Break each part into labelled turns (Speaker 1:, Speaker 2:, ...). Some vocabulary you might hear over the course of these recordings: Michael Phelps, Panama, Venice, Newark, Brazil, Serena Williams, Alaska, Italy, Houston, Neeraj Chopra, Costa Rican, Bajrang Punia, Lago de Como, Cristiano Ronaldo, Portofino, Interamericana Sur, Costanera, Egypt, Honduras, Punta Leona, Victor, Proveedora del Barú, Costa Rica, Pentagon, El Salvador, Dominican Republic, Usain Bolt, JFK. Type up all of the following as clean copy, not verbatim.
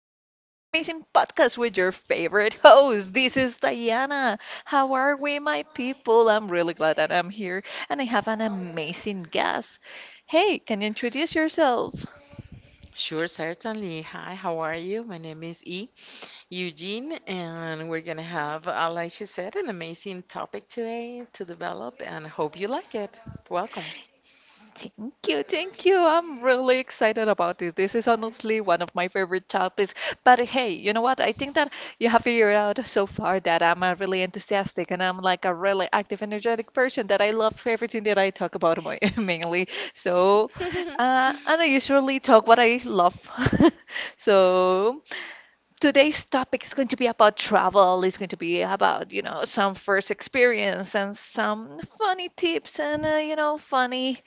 Speaker 1: back on this amazing podcast with your favorite host. This is Diana. How are we, my people? I'm really glad that I'm here and I have an amazing guest. Hey, can you introduce yourself?
Speaker 2: Sure, certainly. Hi, how are you? My name is E. Eugene, and we're gonna have, like she said, an amazing topic today to develop, and hope you like it. Welcome.
Speaker 1: Thank you, thank you. I'm really excited about this. This is honestly one of my favorite topics. But hey, you know what? I think that you have figured out so far that I'm a really enthusiastic and I'm like a really active, energetic person that I love everything that I talk about my, mainly. So, and I usually talk what I love. So, today's topic is going to be about travel. It's going to be about, you know, some first experience and some funny tips and, you know, funny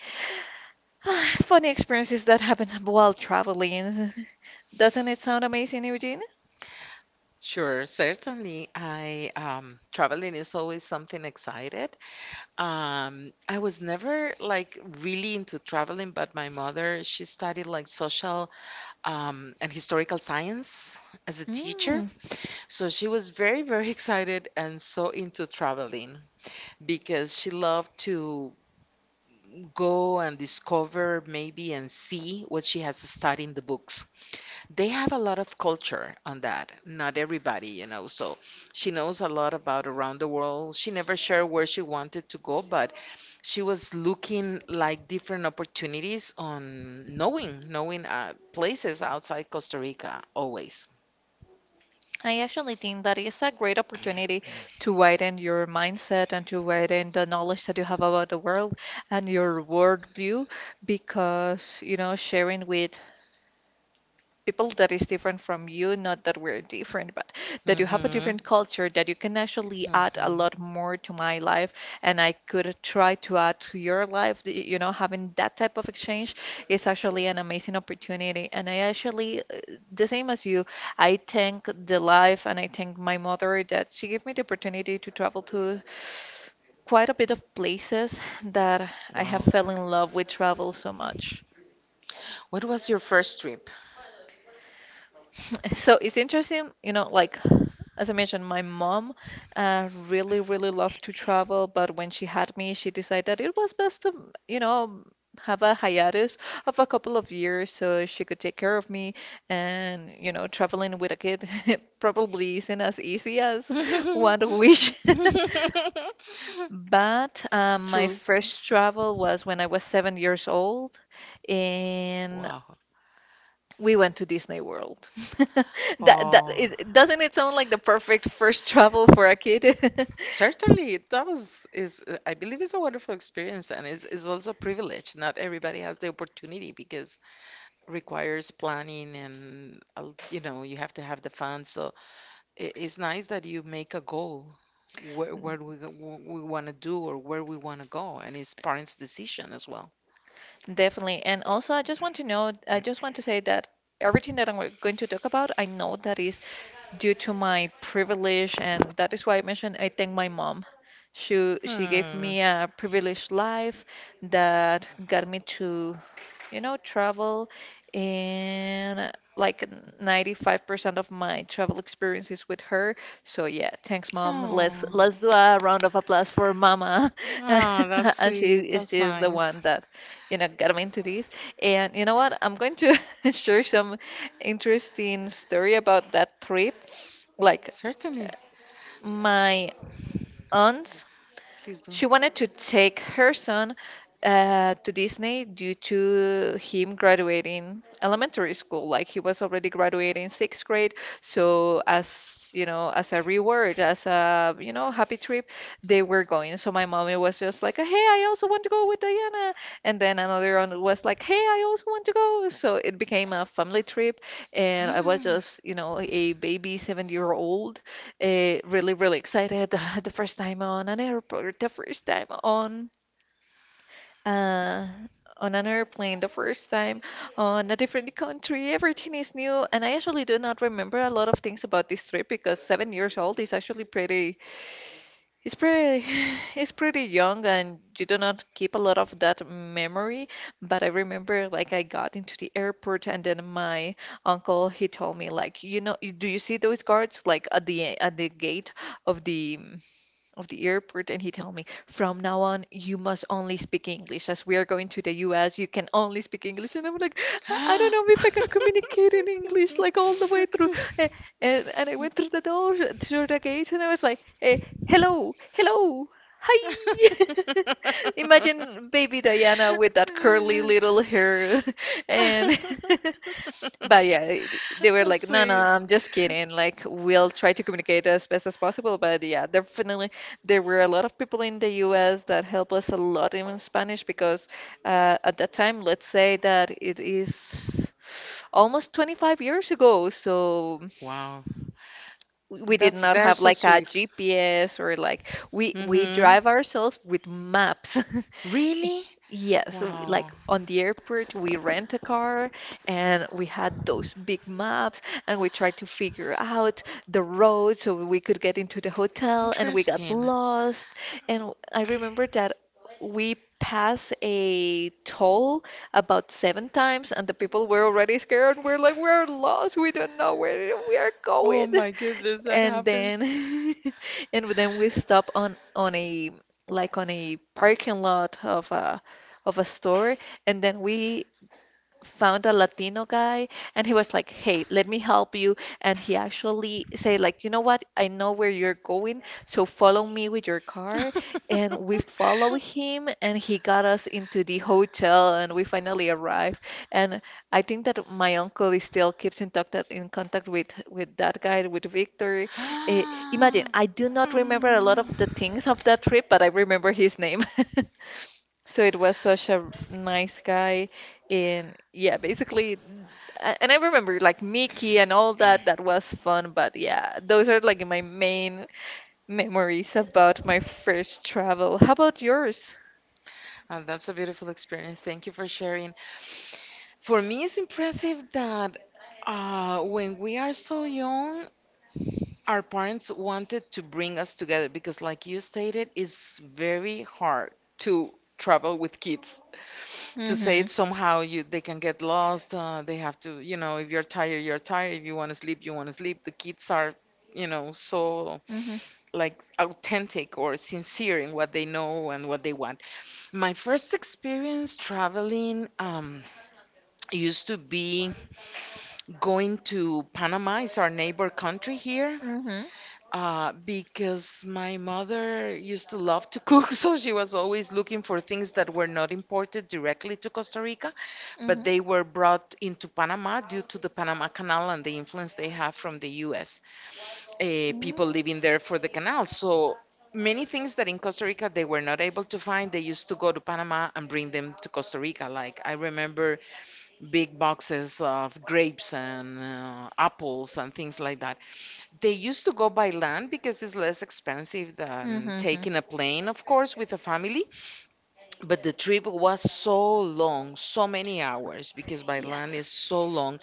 Speaker 1: Funny experiences that happen while traveling. Doesn't it sound amazing, Eugene?
Speaker 2: Sure, certainly. I Traveling is always something excited. I was never like really into traveling, but my mother, she studied like social and historical science as a teacher,
Speaker 1: Mm,
Speaker 2: so she was very, very excited and so into traveling. Because she loved to go and discover maybe and see what she has studied in the books. They have a lot of culture on that. Not everybody, you know. So she knows a lot about around the world. She never shared where she wanted to go, but she was looking like different opportunities on knowing places outside Costa Rica always.
Speaker 1: I actually think that is a great opportunity to widen your mindset and to widen the knowledge that you have about the world and your world view, because, you know, sharing with people that is different from you, not that we're different, but that you have a
Speaker 2: Hmm.
Speaker 1: different culture, that you can actually add a lot
Speaker 2: Hmm.
Speaker 1: more to my life, and I could try to add to your life, having that type of exchange is actually an amazing opportunity. And I actually, the same as you, I thank the life and I thank my mother that she gave me the opportunity to travel to quite a bit of places that I have
Speaker 2: Wow.
Speaker 1: fell in love with travel so much.
Speaker 2: What was your first trip?
Speaker 1: So it's interesting, you know, like as I mentioned, my mom, really, really loved to travel, but when she had me, she decided that it was best to, you know, have a hiatus of a couple of years so she could take care of me. And, you know, traveling with a kid probably isn't as easy as one would wish. But my
Speaker 2: True.
Speaker 1: first travel was when I was 7 years old, and
Speaker 2: Wow.
Speaker 1: we went to Disney World. That
Speaker 2: Oh,
Speaker 1: is, doesn't it sound like the perfect first travel for a kid?
Speaker 2: certainly it does. Is I believe it's a wonderful experience and is also a privilege. Not everybody has the opportunity because requires planning and you know you have to have the funds. So it's nice that you make a goal where we want to do or where we want to go, and it's parents' decision as well.
Speaker 1: Definitely. And also, I just want to know, I just want to say that everything that I'm going to talk about, I know that is due to my privilege, and that is why I mentioned I thank my mom. She gave
Speaker 2: Hmm.
Speaker 1: me a privileged life that got me to, you know, travel, and like 95% of my travel experience is with her. So yeah, thanks, mom. Let's
Speaker 2: Oh.
Speaker 1: let's do a round of applause for mama.
Speaker 2: Oh, that's
Speaker 1: And
Speaker 2: sweet.
Speaker 1: she
Speaker 2: That's
Speaker 1: is the
Speaker 2: nice.
Speaker 1: one that, you know, got me into this. And you know what? I'm going to share some interesting story about that trip. Like,
Speaker 2: Certainly.
Speaker 1: my aunt,
Speaker 2: Please do.
Speaker 1: she wanted to take her son, to Disney due to him graduating elementary school. Like, he was already graduating sixth grade, so as you know, as a reward, as a, you know, happy trip, they were going. So my mommy was just like, "Hey, I also want to go with Diana," and then another one was like, "Hey, I also want to go." So it became a family trip, and I was just, you know, a baby 7 year old, really, really excited. The first time on an airport, the first time on uh, on an airplane, the first time on a different country. Everything is new, and I actually do not remember a lot of things about this trip because 7 years old is actually pretty. It's pretty. It's pretty young, and you do not keep a lot of that memory. But I remember, like, I got into the airport, and then my uncle, he told me, like, you know, do you see those guards like at the gate of the airport? And he told me, from now on, you must only speak English. As we are going to the US, you can only speak English. And I'm like, I don't know if I can
Speaker 2: That's
Speaker 1: communicate in English like all the way through. Eh, and I went through the door, through the gate, and I was like, hello, hello, hi. Imagine baby Diana with that curly little hair and but yeah, it- they were like, no, no,
Speaker 2: sweet.
Speaker 1: I'm just kidding. Like, we'll try to communicate as best as possible. But yeah, definitely, there were a lot of people in the US that helped us a lot in Spanish because, at that time, let's say that it is almost 25 years ago. So
Speaker 2: Wow.
Speaker 1: we did
Speaker 2: That's
Speaker 1: not
Speaker 2: they're
Speaker 1: have
Speaker 2: so
Speaker 1: like a
Speaker 2: sweet.
Speaker 1: GPS, or like we
Speaker 2: Mm-hmm.
Speaker 1: drive ourselves with maps.
Speaker 2: Really?
Speaker 1: Yeah, so we-
Speaker 2: Wow.
Speaker 1: like on the airport, we rent a car and we had those big maps, and we tried to figure out the road so we could get into the hotel, and we got
Speaker 2: Interesting.
Speaker 1: lost. And I remember that we passed a toll about seven times and the people were already scared. We're like, we're lost. We don't know where we are
Speaker 2: Oh
Speaker 1: going,
Speaker 2: my goodness, that
Speaker 1: and then
Speaker 2: happens.
Speaker 1: and then we stop on a, like on a parking lot of a, of a store, and then we found a Latino guy and he was like, "Hey, let me help you." And he actually said like, "You know what? I know where you're going, so follow me with your car." And we follow him and he got us into the hotel and we finally arrived. And I think that my uncle is still keeps in contact with that guy, with Victor. Eh, Imagine,
Speaker 2: Ah.
Speaker 1: I do not remember a lot of the
Speaker 2: Mm.
Speaker 1: things of that trip, but I remember his name. So it was such a nice guy. And yeah, basically, and I remember like Mickey and all that, that was fun, but yeah, those are like my main memories about my first travel. How about yours?
Speaker 2: Oh, that's a beautiful experience. Thank you for sharing. For me, it's impressive that when we are so young, our parents wanted to bring us together because, like you stated, it's very hard to travel with kids. To say
Speaker 1: Mm-hmm.
Speaker 2: it somehow, you they can get lost. They have to, you know, if you're tired, you're tired. If you want to sleep, you want to sleep. The kids are, you know, so
Speaker 1: Mm-hmm.
Speaker 2: like authentic or sincere in what they know and what they want. My first experience traveling, used to be going to Panama, is our neighbor country here,
Speaker 1: Mm-hmm.
Speaker 2: because my mother used to love to cook, so she was always looking for things that were not imported directly to Costa Rica, but they were brought into Panama due to the Panama Canal and the influence they have from the US, people
Speaker 1: Mm-hmm.
Speaker 2: living there for the canal. So many things that in Costa Rica they were not able to find, they used to go to Panama and bring them to Costa Rica. Like I remember big boxes of grapes and apples and things like that. They used to go by land because it's less expensive than
Speaker 1: Mm-hmm.
Speaker 2: taking a plane, of course, with a family. But the trip was so long, so many hours, because by land
Speaker 1: Yes.
Speaker 2: is so long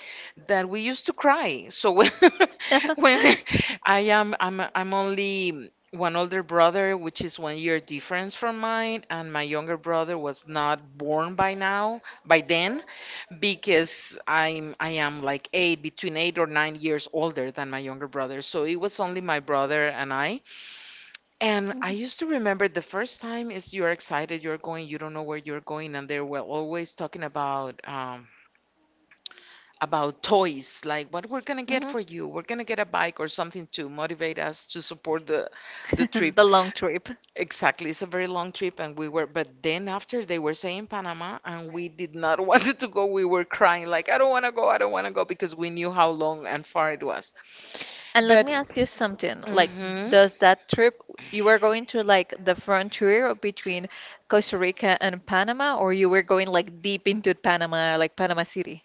Speaker 2: that we used to cry. So when, when I am, I'm only one older brother, which is 1 year difference from mine, and my younger brother was not born by now, by then because I am like 8 or 9 years older than my younger brother. So it was only my brother and I. And I used to remember the first time is you're excited, you're going, you don't know where you're going, and they were always talking about toys, like what we're gonna get
Speaker 1: Mm-hmm.
Speaker 2: for you. We're gonna get a bike or something to motivate us to support the trip.
Speaker 1: The long trip.
Speaker 2: Exactly, it's a very long trip, and we were. But then after they were saying Panama, and we did not wanted to go. We were crying like, I don't want to go, I don't want to go, because we knew how long and far it was.
Speaker 1: And let
Speaker 2: But
Speaker 1: me ask you something. Like,
Speaker 2: hmm
Speaker 1: does that trip, you were going to like the frontier between Costa Rica and Panama, or you were going like deep into Panama, like Panama City?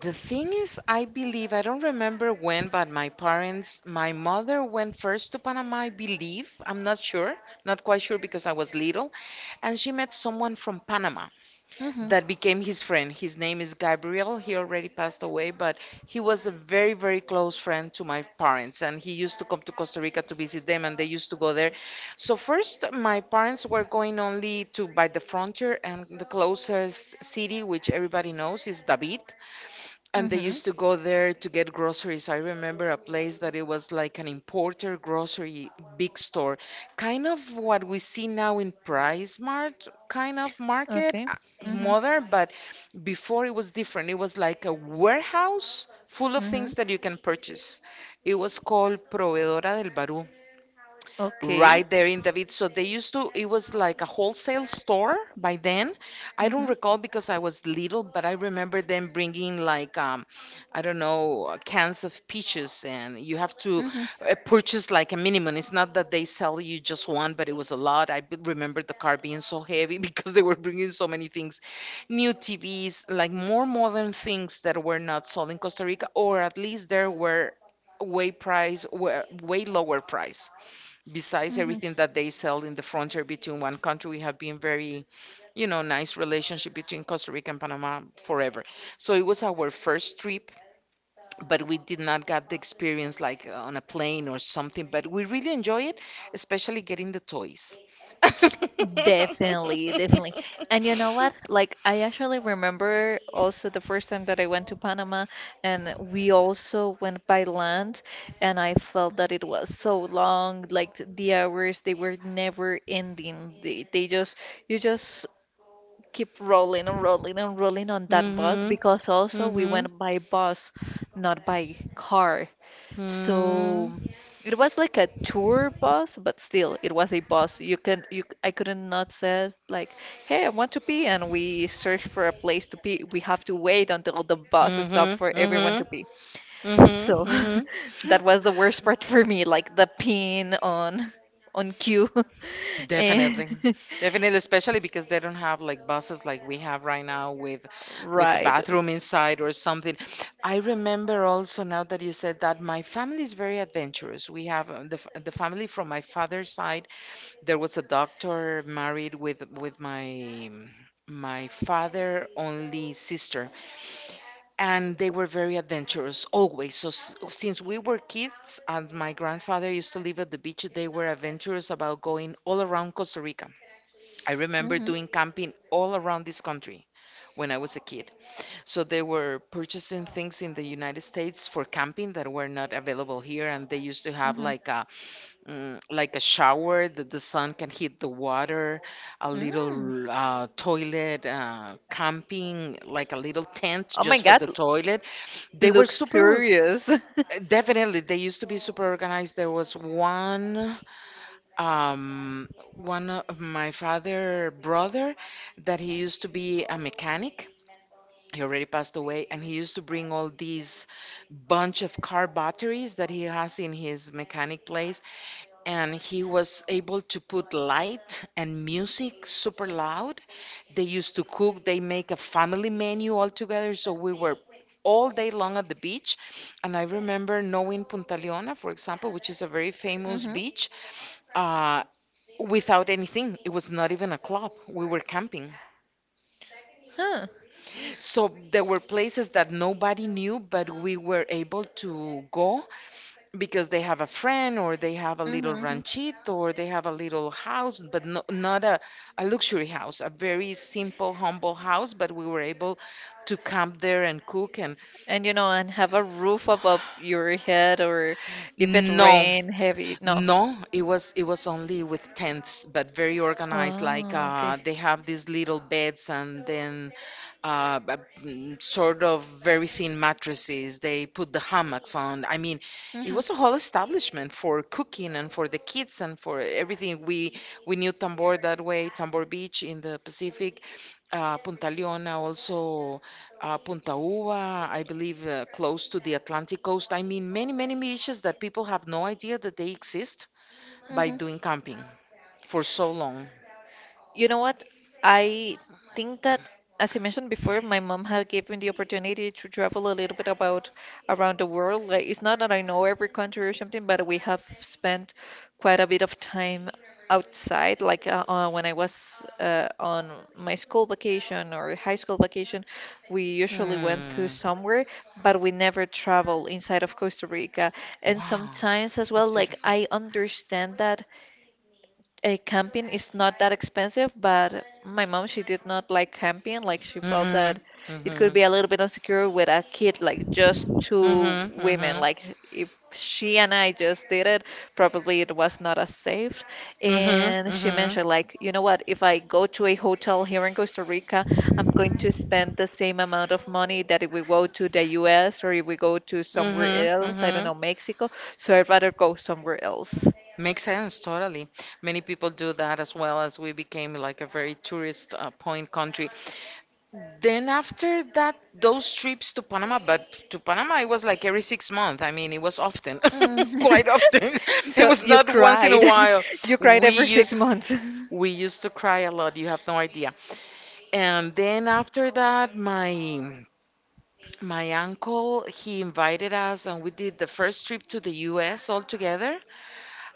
Speaker 2: The thing is, I believe I don't remember when, but my parents, my mother went first to Panama. I believe I'm not sure, not quite sure because I was little, and she met someone from Panama.
Speaker 1: Mm-hmm.
Speaker 2: That became his friend. His name is Gabriel. He already passed away, but he was a very, very close friend to my parents. And he used to come to Costa Rica to visit them, and they used to go there. So, first, my parents were going only to by the frontier, and the closest city, which everybody knows, is David. And they
Speaker 1: Mm-hmm.
Speaker 2: used to go there to get groceries. I remember a place that it was like an importer grocery big store, kind of what we see now in Price Mart kind of market,
Speaker 1: Okay. Mm-hmm.
Speaker 2: modern, but before it was different. It was like a warehouse full of
Speaker 1: Mm-hmm.
Speaker 2: things that you can purchase. It was called Proveedora del Barú,
Speaker 1: Okay.
Speaker 2: right there in David. So they used to, it was like a wholesale store by then. I don't
Speaker 1: Mm-hmm.
Speaker 2: recall because I was little, but I remember them bringing like, I don't know, cans of peaches, and you have to purchase like a minimum. It's not that they sell you just one, but it was a lot. Remember the car being so heavy because they were bringing so many things, new TVs, like more modern things that were not sold in Costa Rica, or at least there were way price were way lower price. Besides
Speaker 1: Mm-hmm.
Speaker 2: everything that they sell in the frontier between one country, we have been very, you know, nice relationship between Costa Rica and Panama forever. So it was our first trip, but we did not get the experience like on a plane or something. But we really enjoy it, especially getting the toys.
Speaker 1: Definitely, definitely. And you know what? Like, I actually remember also the first time that I went to Panama, and we also went by land, and I felt that it was so long, like the hours they were never ending. They just, you just keep rolling and rolling and rolling on that bus,
Speaker 2: Hmm.
Speaker 1: because also we
Speaker 2: Hmm.
Speaker 1: went by bus, not by car.
Speaker 2: Hmm.
Speaker 1: So it was like a tour bus, but still it was a bus. You can you, I couldn't not say like, hey, I want to pee, and we search for a place to pee. We have to wait until the bus stop
Speaker 2: Hmm.
Speaker 1: for everyone
Speaker 2: Hmm.
Speaker 1: to pee.
Speaker 2: Hmm.
Speaker 1: So
Speaker 2: Hmm.
Speaker 1: that was the worst part for me, like the peeing on cue. And
Speaker 2: Definitely. Definitely, especially because they don't have like buses like we have right now with a
Speaker 1: right.
Speaker 2: bathroom inside or something. I remember also now that you said that my family is very adventurous. We have the family from my father's side, there was a doctor married with my my father only sister, and they were very adventurous always. So since we were kids and my grandfather used to live at the beach, they were adventurous about going all around Costa Rica. I remember
Speaker 1: Hmm,
Speaker 2: doing camping all around this country when I was a kid. So they were purchasing things in the United States for camping that were not available here, and they used to have
Speaker 1: hmm.
Speaker 2: like a like a shower that the sun can hit the water, a
Speaker 1: Mm.
Speaker 2: little toilet, camping like a little tent
Speaker 1: Oh my
Speaker 2: just for
Speaker 1: God,
Speaker 2: the toilet. They were
Speaker 1: looks
Speaker 2: super,
Speaker 1: serious.
Speaker 2: definitely they used to be super organized. There was um, one of my father brother that he used to be a mechanic. He already passed away and he used to bring all these bunch of car batteries that he has in his mechanic place, and he was able to put light and music super loud. They used to cook, they make a family menu all together, so we were all day long at the beach. And I remember knowing Punta Leona, for example, which is a very famous
Speaker 1: Hmm.
Speaker 2: beach, uh, without anything, it was not even a club, we were camping.
Speaker 1: Huh.
Speaker 2: So there were places that nobody knew, but we were able to go because they have a friend or they have a
Speaker 1: Mm-hmm,
Speaker 2: little
Speaker 1: mm-hmm.
Speaker 2: ranchito or they have a little house, but no, not a a luxury house, a very simple, humble house. But we were able to camp there and cook. And
Speaker 1: And, you know, and have a roof above your head, or if it
Speaker 2: no,
Speaker 1: rain heavy. No.
Speaker 2: no, it was only with tents, but very organized. Like
Speaker 1: Ah, okay.
Speaker 2: they have these little beds and then uh, b- sort of very thin mattresses. They put the hammocks on. I mean, it
Speaker 1: Hmm,
Speaker 2: was a whole establishment for cooking and for the kids and for everything. We knew Tambor that way, Tambor Beach in the Pacific, Punta Leona also, Punta Uva, I believe, close to the Atlantic coast. I mean, many beaches that people have no idea that they exist by
Speaker 1: hmm.
Speaker 2: doing camping for so long.
Speaker 1: You know what? I think that, as I mentioned before, my mom had given the opportunity to travel a little bit about around the world. Like, it's not that I know every country or something, but we have spent quite a bit of time outside. Like, when I was, on my school vacation or high school vacation, we usually went to
Speaker 2: Hmm.
Speaker 1: somewhere, but we never travel inside of Costa Rica. And
Speaker 2: Wow,
Speaker 1: sometimes as well,
Speaker 2: that's
Speaker 1: like
Speaker 2: beautiful.
Speaker 1: I understand that a camping is not that expensive, but my mom, she did not like camping. Like she felt that
Speaker 2: Mm-hmm.
Speaker 1: it
Speaker 2: Mm-hmm.
Speaker 1: could be a little bit insecure with a kid, like just two
Speaker 2: Mhm,
Speaker 1: women.
Speaker 2: mhm,
Speaker 1: Like if she and I just did it, probably it was not as safe.
Speaker 2: mhm,
Speaker 1: And she
Speaker 2: mhm,
Speaker 1: mentioned, like, you know what, if I go to a hotel here in Costa Rica, I'm going to spend the same amount of money that if we go to the US or if we go to somewhere
Speaker 2: mhm,
Speaker 1: else, I don't
Speaker 2: mhm.
Speaker 1: know, Mexico. So I'd rather go somewhere else.
Speaker 2: Makes sense, totally. Many people do that as well as we became like a very tourist, point country. Then after that, those trips to Panama, but to Panama it was like every 6 months. I mean, it was often,
Speaker 1: Mm.
Speaker 2: quite often. It
Speaker 1: So
Speaker 2: was
Speaker 1: you
Speaker 2: not once in a
Speaker 1: cried.
Speaker 2: while.
Speaker 1: You cried
Speaker 2: We
Speaker 1: every six
Speaker 2: used
Speaker 1: months.
Speaker 2: we used to cry a lot. You have no idea. And then after that, my uncle, he invited us, and we did the first trip to the US altogether.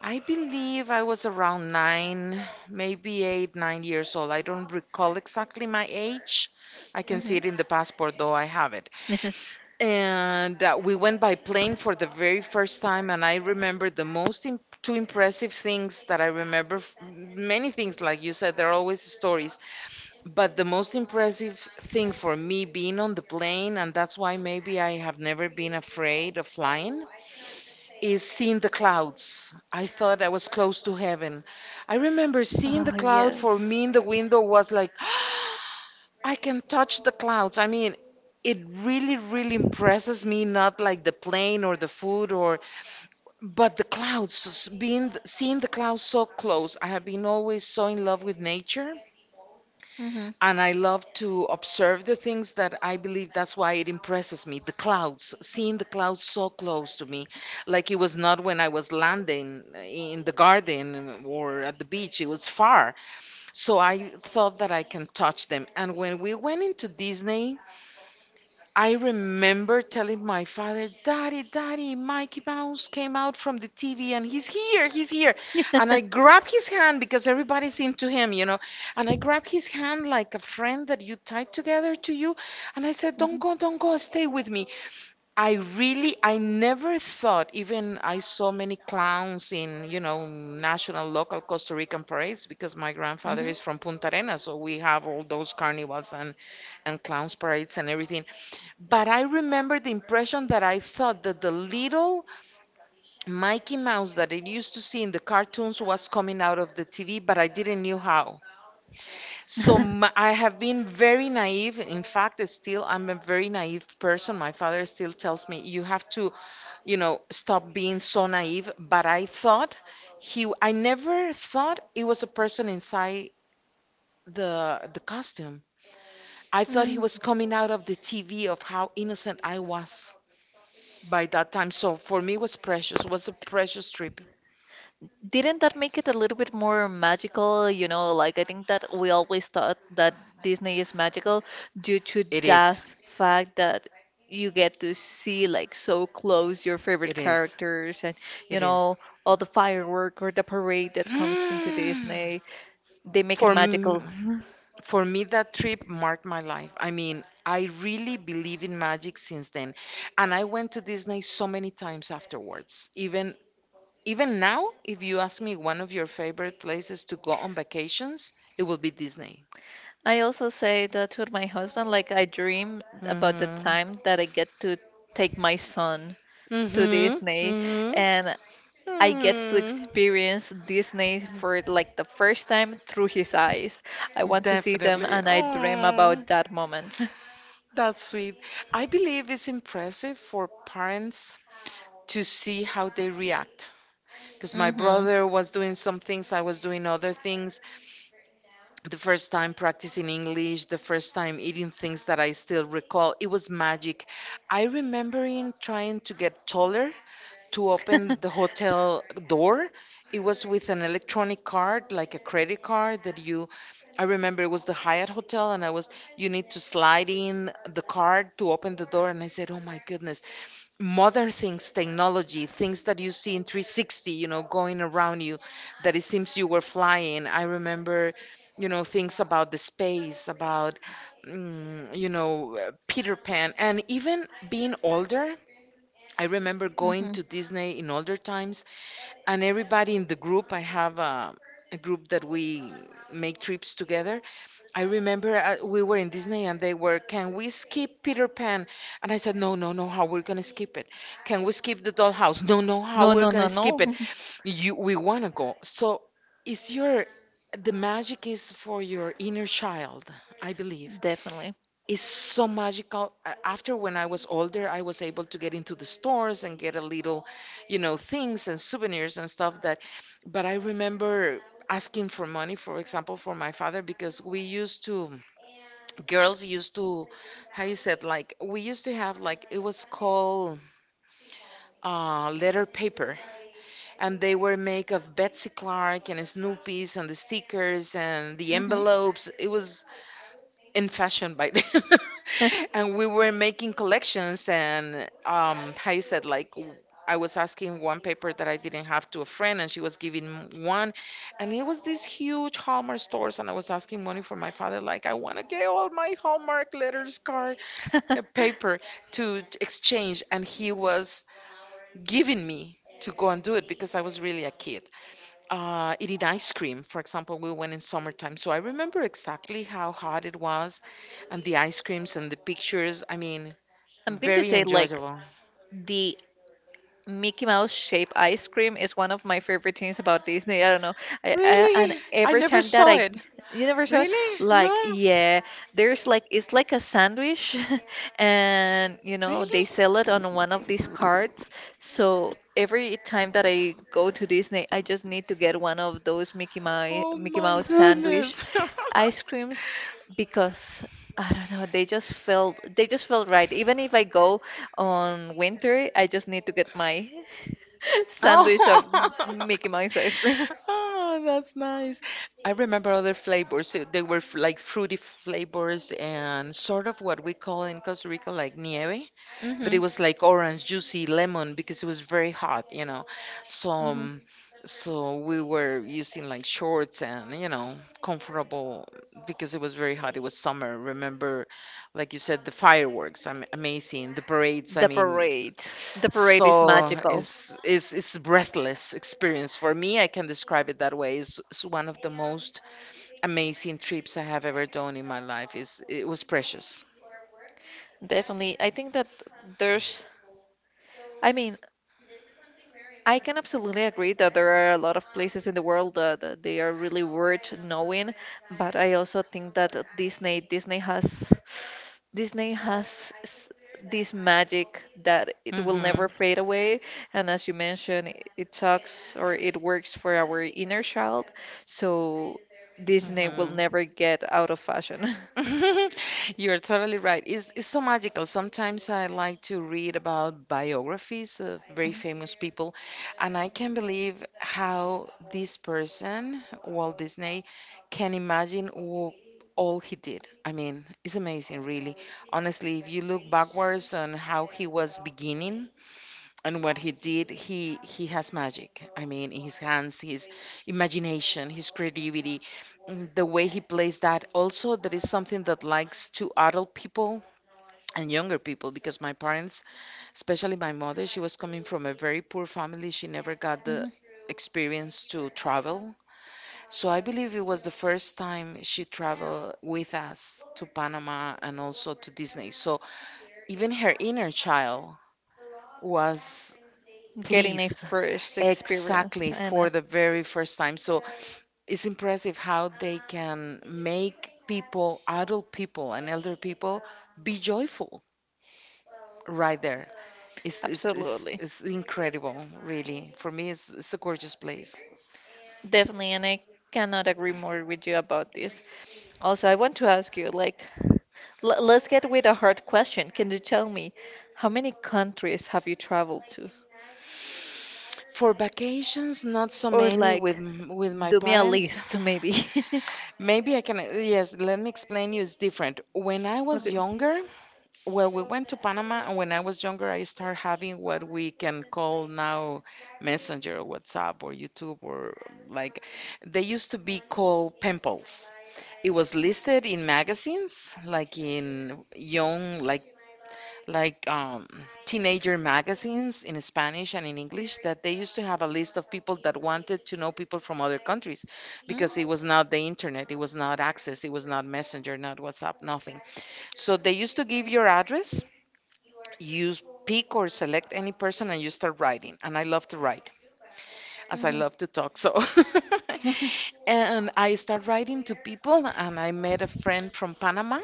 Speaker 2: I believe I was around nine, maybe eight, 9 years old. I don't recall exactly my age. I can see
Speaker 1: Hmm.
Speaker 2: it in the passport, though I have it. And we went by plane for the very first time, and I remember the most imp two impressive things that I remember. Many things, like you said, there are always stories, but the most impressive thing for me being on the plane, and that's why maybe I have never been afraid of flying, is seeing the clouds. I thought I was close to heaven. I remember seeing
Speaker 1: Oh,
Speaker 2: the cloud for me in the
Speaker 1: yes.
Speaker 2: window was like, I can touch the clouds. I mean, it really, really impresses me, not like the plane or the food or, but the clouds, being, seeing the clouds so close. I have been always so in love with nature,
Speaker 1: Hmm.
Speaker 2: and I love to observe the things that I believe that's why it impresses me. The clouds, seeing the clouds so close to me, like it was not when I was landing in the garden or at the beach, it was far. So I thought that I can touch them. And when we went into Disney, I remember telling my father, Daddy, Daddy, Mikey Mouse came out from the TV and he's here, he's here. And I grab his hand because everybody's into him. And I grab his hand like a friend that you tied together to you. And I said,
Speaker 1: Hmm,
Speaker 2: don't go, stay with me. I never thought, even I saw many clowns in, you know, national, local Costa Rican parades because my grandfather
Speaker 1: hmm.
Speaker 2: is from Punta Arenas, so we have all those carnivals and clowns parades and everything. But I remember the impression that I thought that the little Mickey Mouse that I used to see in the cartoons was coming out of the TV, but I didn't knew how. So m I have been very naive. In fact, still, I'm a very naive person. My father still tells me you have to, you know, stop being so naive. But I thought he, I never thought it was a person inside the costume. I thought he
Speaker 1: Mm.
Speaker 2: was coming out of the TV of how innocent I was by that time. So for me, it was precious. It was a precious trip.
Speaker 1: Didn't that make it a little bit more magical? You know, like I think that we always thought that Disney is magical due to
Speaker 2: It
Speaker 1: that
Speaker 2: is.
Speaker 1: fact that you get to see like so close your favorite
Speaker 2: It is.
Speaker 1: characters and you
Speaker 2: It is.
Speaker 1: know all the firework or the parade that comes into
Speaker 2: Hmm.
Speaker 1: Disney. They make it
Speaker 2: For
Speaker 1: magical.
Speaker 2: m- for me, that trip marked my life. I mean, I really believe in magic since then, and I went to Disney so many times afterwards, even now, if you ask me one of your favorite places to go on vacations, it will be Disney.
Speaker 1: I also say that to my husband, like I dream about the
Speaker 2: Mm-hmm.
Speaker 1: time that I get to take my son to
Speaker 2: Mm-hmm.
Speaker 1: Disney
Speaker 2: Mm-hmm.
Speaker 1: and I get to
Speaker 2: Mm,
Speaker 1: experience Disney for like the first time through his eyes. I want to see them
Speaker 2: definitely.
Speaker 1: and I dream
Speaker 2: Oh,
Speaker 1: about that moment.
Speaker 2: that's sweet. I believe it's impressive for parents to see how they react. Because my
Speaker 1: Hmm.
Speaker 2: brother was doing some things, I was doing other things. The first time practicing English, the first time eating things that I still recall, it was magic. I remember him trying to get taller to open the hotel door. It was with an electronic card, like a credit card that you, I remember it was the Hyatt Hotel, and I was, you need to slide in the card to open the door. And I said, oh my goodness, modern things, technology, things that you see in 360, you know, going around you, that it seems you were flying. I remember, you know, things about the space, about, mm, you know, Peter Pan, and even being older, I remember going
Speaker 1: Hmm.
Speaker 2: to Disney in older times, and everybody in the group, a group that we make trips together. I remember we were in Disney and they were, can we skip Peter Pan? And I said, no, no, no, how we're gonna skip it? Can we skip the dollhouse? No, no, how
Speaker 1: No,
Speaker 2: we're
Speaker 1: no, no,
Speaker 2: gonna skip
Speaker 1: no.
Speaker 2: it? We wanna go. So, is your, the magic is for your inner child, I believe,
Speaker 1: Definitely.
Speaker 2: is so magical. After when I was older, I was able to get into the stores and get a little, you know, things and souvenirs and stuff that, but I remember asking for money, for example, for my father, because we used to, girls used to, how you said, like, we used to have, like, it was called letter paper, and they were made of Betsy Clark and Snoopy's and the stickers and the
Speaker 1: Hmm.
Speaker 2: envelopes. It was in fashion by then. And we were making collections and how you said like I was asking one paper that I didn't have to a friend and she was giving one, and it was these huge Hallmark stores, and I was asking money for my father like I want to get all my Hallmark letters card, a paper to exchange, and he was giving me to go and do it because I was really a kid. Eating ice cream. For example, we went in summertime, so I remember exactly how hot it was, and the ice creams and the pictures. I mean,
Speaker 1: I'm going to
Speaker 2: very
Speaker 1: say like
Speaker 2: enjoyable.
Speaker 1: the Mickey Mouse shaped ice cream is one of my favorite things about Disney. I don't know. I, and
Speaker 2: Really? I
Speaker 1: every
Speaker 2: never
Speaker 1: time that
Speaker 2: saw
Speaker 1: I,
Speaker 2: it.
Speaker 1: you never saw it?
Speaker 2: Really?
Speaker 1: Like,
Speaker 2: No?
Speaker 1: yeah, there's like, it's like a sandwich, and
Speaker 2: Really?
Speaker 1: they sell it on one of these cards. So every time that I go to Disney, I just need to get one of those Mickey Mouse,
Speaker 2: Oh
Speaker 1: Mickey
Speaker 2: my
Speaker 1: Mouse sandwich
Speaker 2: goodness.
Speaker 1: ice creams because I don't know, they just felt right. Even if I go on winter, I just need to get my sandwich of
Speaker 2: Oh.
Speaker 1: Mickey Mouse ice cream.
Speaker 2: Oh, that's nice. I remember other flavors. They were like fruity flavors and sort of what we call in Costa Rica like nieve, but it
Speaker 1: Hmm.
Speaker 2: was like orange juicy lemon because it was very hot, you know. So
Speaker 1: Hmm.
Speaker 2: so we were using like shorts and you know, comfortable, because it was very hot, it was summer, remember, like you said, the fireworks, am amazing, the parades, I
Speaker 1: The
Speaker 2: mean,
Speaker 1: parade. The parade
Speaker 2: so
Speaker 1: is magical.
Speaker 2: it's is breathless experience for me, I can describe it that way. It's one of the most amazing trips I have ever done in my life, is it was precious.
Speaker 1: Definitely. I think that there's, I mean, I can absolutely agree that there are a lot of places in the world that they are really worth knowing, but I also think that Disney has Disney has s- this magic that it will
Speaker 2: Hmm.
Speaker 1: never fade away, and as you mentioned, it talks or it works for our inner child, so Disney will
Speaker 2: Hmm.
Speaker 1: never get out of fashion.
Speaker 2: You're totally right. It's so magical. Sometimes I like to read about biographies of very famous people, and I can't believe how this person, Walt Disney, can imagine all he did. I mean, it's amazing, really. Honestly, if you look backwards on how he was beginning, and what he did, he has magic, I mean, in his hands, his imagination, his creativity, mm, the way he plays, that also, that is something that likes to adult people and younger people, because my parents, especially my mother, she was coming from a very poor family, she never got the
Speaker 1: Mhm.
Speaker 2: experience to travel, so I believe it was the first time she traveled with us to Panama and also to Disney, so even her inner child was
Speaker 1: Getting a
Speaker 2: pleased.
Speaker 1: first experience,
Speaker 2: Exactly,
Speaker 1: and
Speaker 2: for the very first time. So it's impressive how they can make people, adult people and elder people, be joyful right there.
Speaker 1: absolutely.
Speaker 2: It's incredible, really. For me, it's a gorgeous place.
Speaker 1: Definitely, and I cannot agree more with you about this. Also, I want to ask you, like, l let's get with a hard question. Can you tell me how many countries have you traveled to?
Speaker 2: For vacations, not so
Speaker 1: Or
Speaker 2: many with
Speaker 1: like,
Speaker 2: with my
Speaker 1: do me a
Speaker 2: parents.
Speaker 1: list, maybe.
Speaker 2: Maybe I can, yes, let me explain you, it's different. When I was
Speaker 1: Okay.
Speaker 2: younger, well, we went to Panama, and when I was younger, I started having what we can call now Messenger, WhatsApp, or YouTube, or like, they used to be called pimples. It was listed in magazines, like in young, like like um, teenager magazines in Spanish and in English, that they used to have a list of people that wanted to know people from other countries, because it
Speaker 1: Mm.
Speaker 2: was not the internet, it was not access, it was not Messenger, not WhatsApp, nothing. So they used to give your address, you pick or select any person and you start writing. And I love to write, as I
Speaker 1: Mhm.
Speaker 2: love to talk. So, and I start writing to people, and I met a friend from Panama.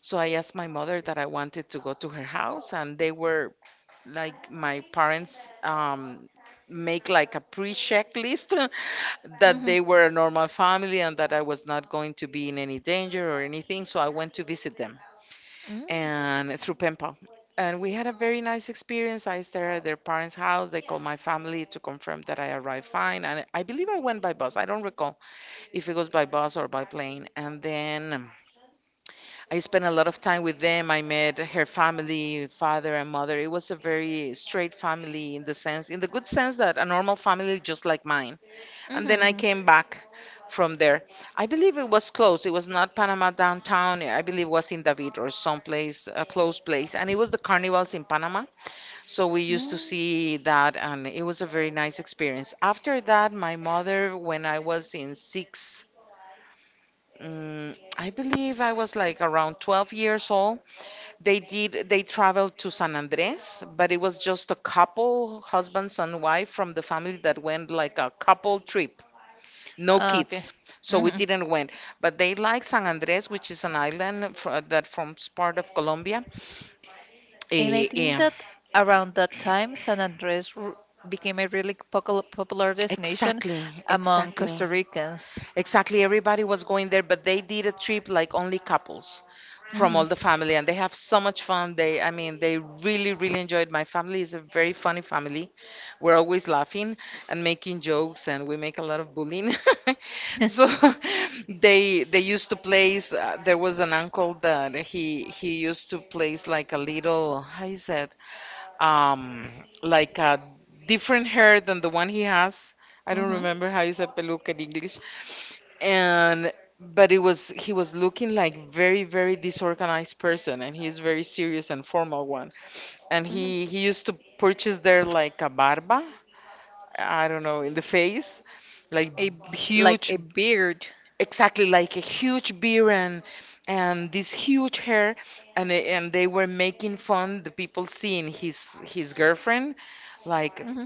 Speaker 2: So I asked my mother that I wanted to go to her house, and they were like my parents. Make like a pre-check list
Speaker 1: Mhm.
Speaker 2: that
Speaker 1: Mhm.
Speaker 2: they were a normal family and that I was not going to be in any danger or anything, so I went to visit them
Speaker 1: Mm.
Speaker 2: and through PEMPA. And we had a very nice experience. I stayed at their parents' house. They called my family to confirm that I arrived fine. And I believe I went by bus. I don't recall if it was by bus or by plane. And then I spent a lot of time with them. I met her family, father and mother. It was a very straight family in the sense, in the good sense that a normal family just like mine. And then I
Speaker 1: Mhm.
Speaker 2: came back from there. I believe it was close. It was not Panama downtown. I believe it was in David or someplace, a close place. And it was the carnivals in Panama. So we used to
Speaker 1: Mm.
Speaker 2: see that, and it was a very nice experience. After that, my mother, when I was in six, mm, I believe I was like around 12 years old. They traveled to San Andres, but it was just a couple, husbands and wife from the family that went like a couple trip, no
Speaker 1: Ah, okay.
Speaker 2: kids, so we
Speaker 1: Mhm.
Speaker 2: didn't win. But they like San Andres, which is an island that forms part of Colombia.
Speaker 1: And I
Speaker 2: Eh,
Speaker 1: think
Speaker 2: eh,
Speaker 1: that around that time, San Andres r became a really popular destination
Speaker 2: exactly,
Speaker 1: among
Speaker 2: exactly.
Speaker 1: Costa Ricans.
Speaker 2: Exactly, everybody was going there, but they did a trip like only couples from all
Speaker 1: Mhm.
Speaker 2: the family, and they have so much fun. They really, really enjoyed. My family is a very funny family. We're always laughing and making jokes, and we make a lot of bullying. So they used to place. There was an uncle that he used to place like a little, how you said, um like a different hair than the one he has. I don't
Speaker 1: Mm-hmm.
Speaker 2: remember how you said peluca in English. And but it was he was looking like very, very disorganized person, and he's very serious and formal one. And
Speaker 1: Mm-hmm.
Speaker 2: he used to purchase there like a barba, I don't know, in the face, like
Speaker 1: A Like
Speaker 2: huge,
Speaker 1: a beard.
Speaker 2: exactly, like a huge beard, and this huge hair, and they were making fun the people seeing his girlfriend like
Speaker 1: Mm-hmm.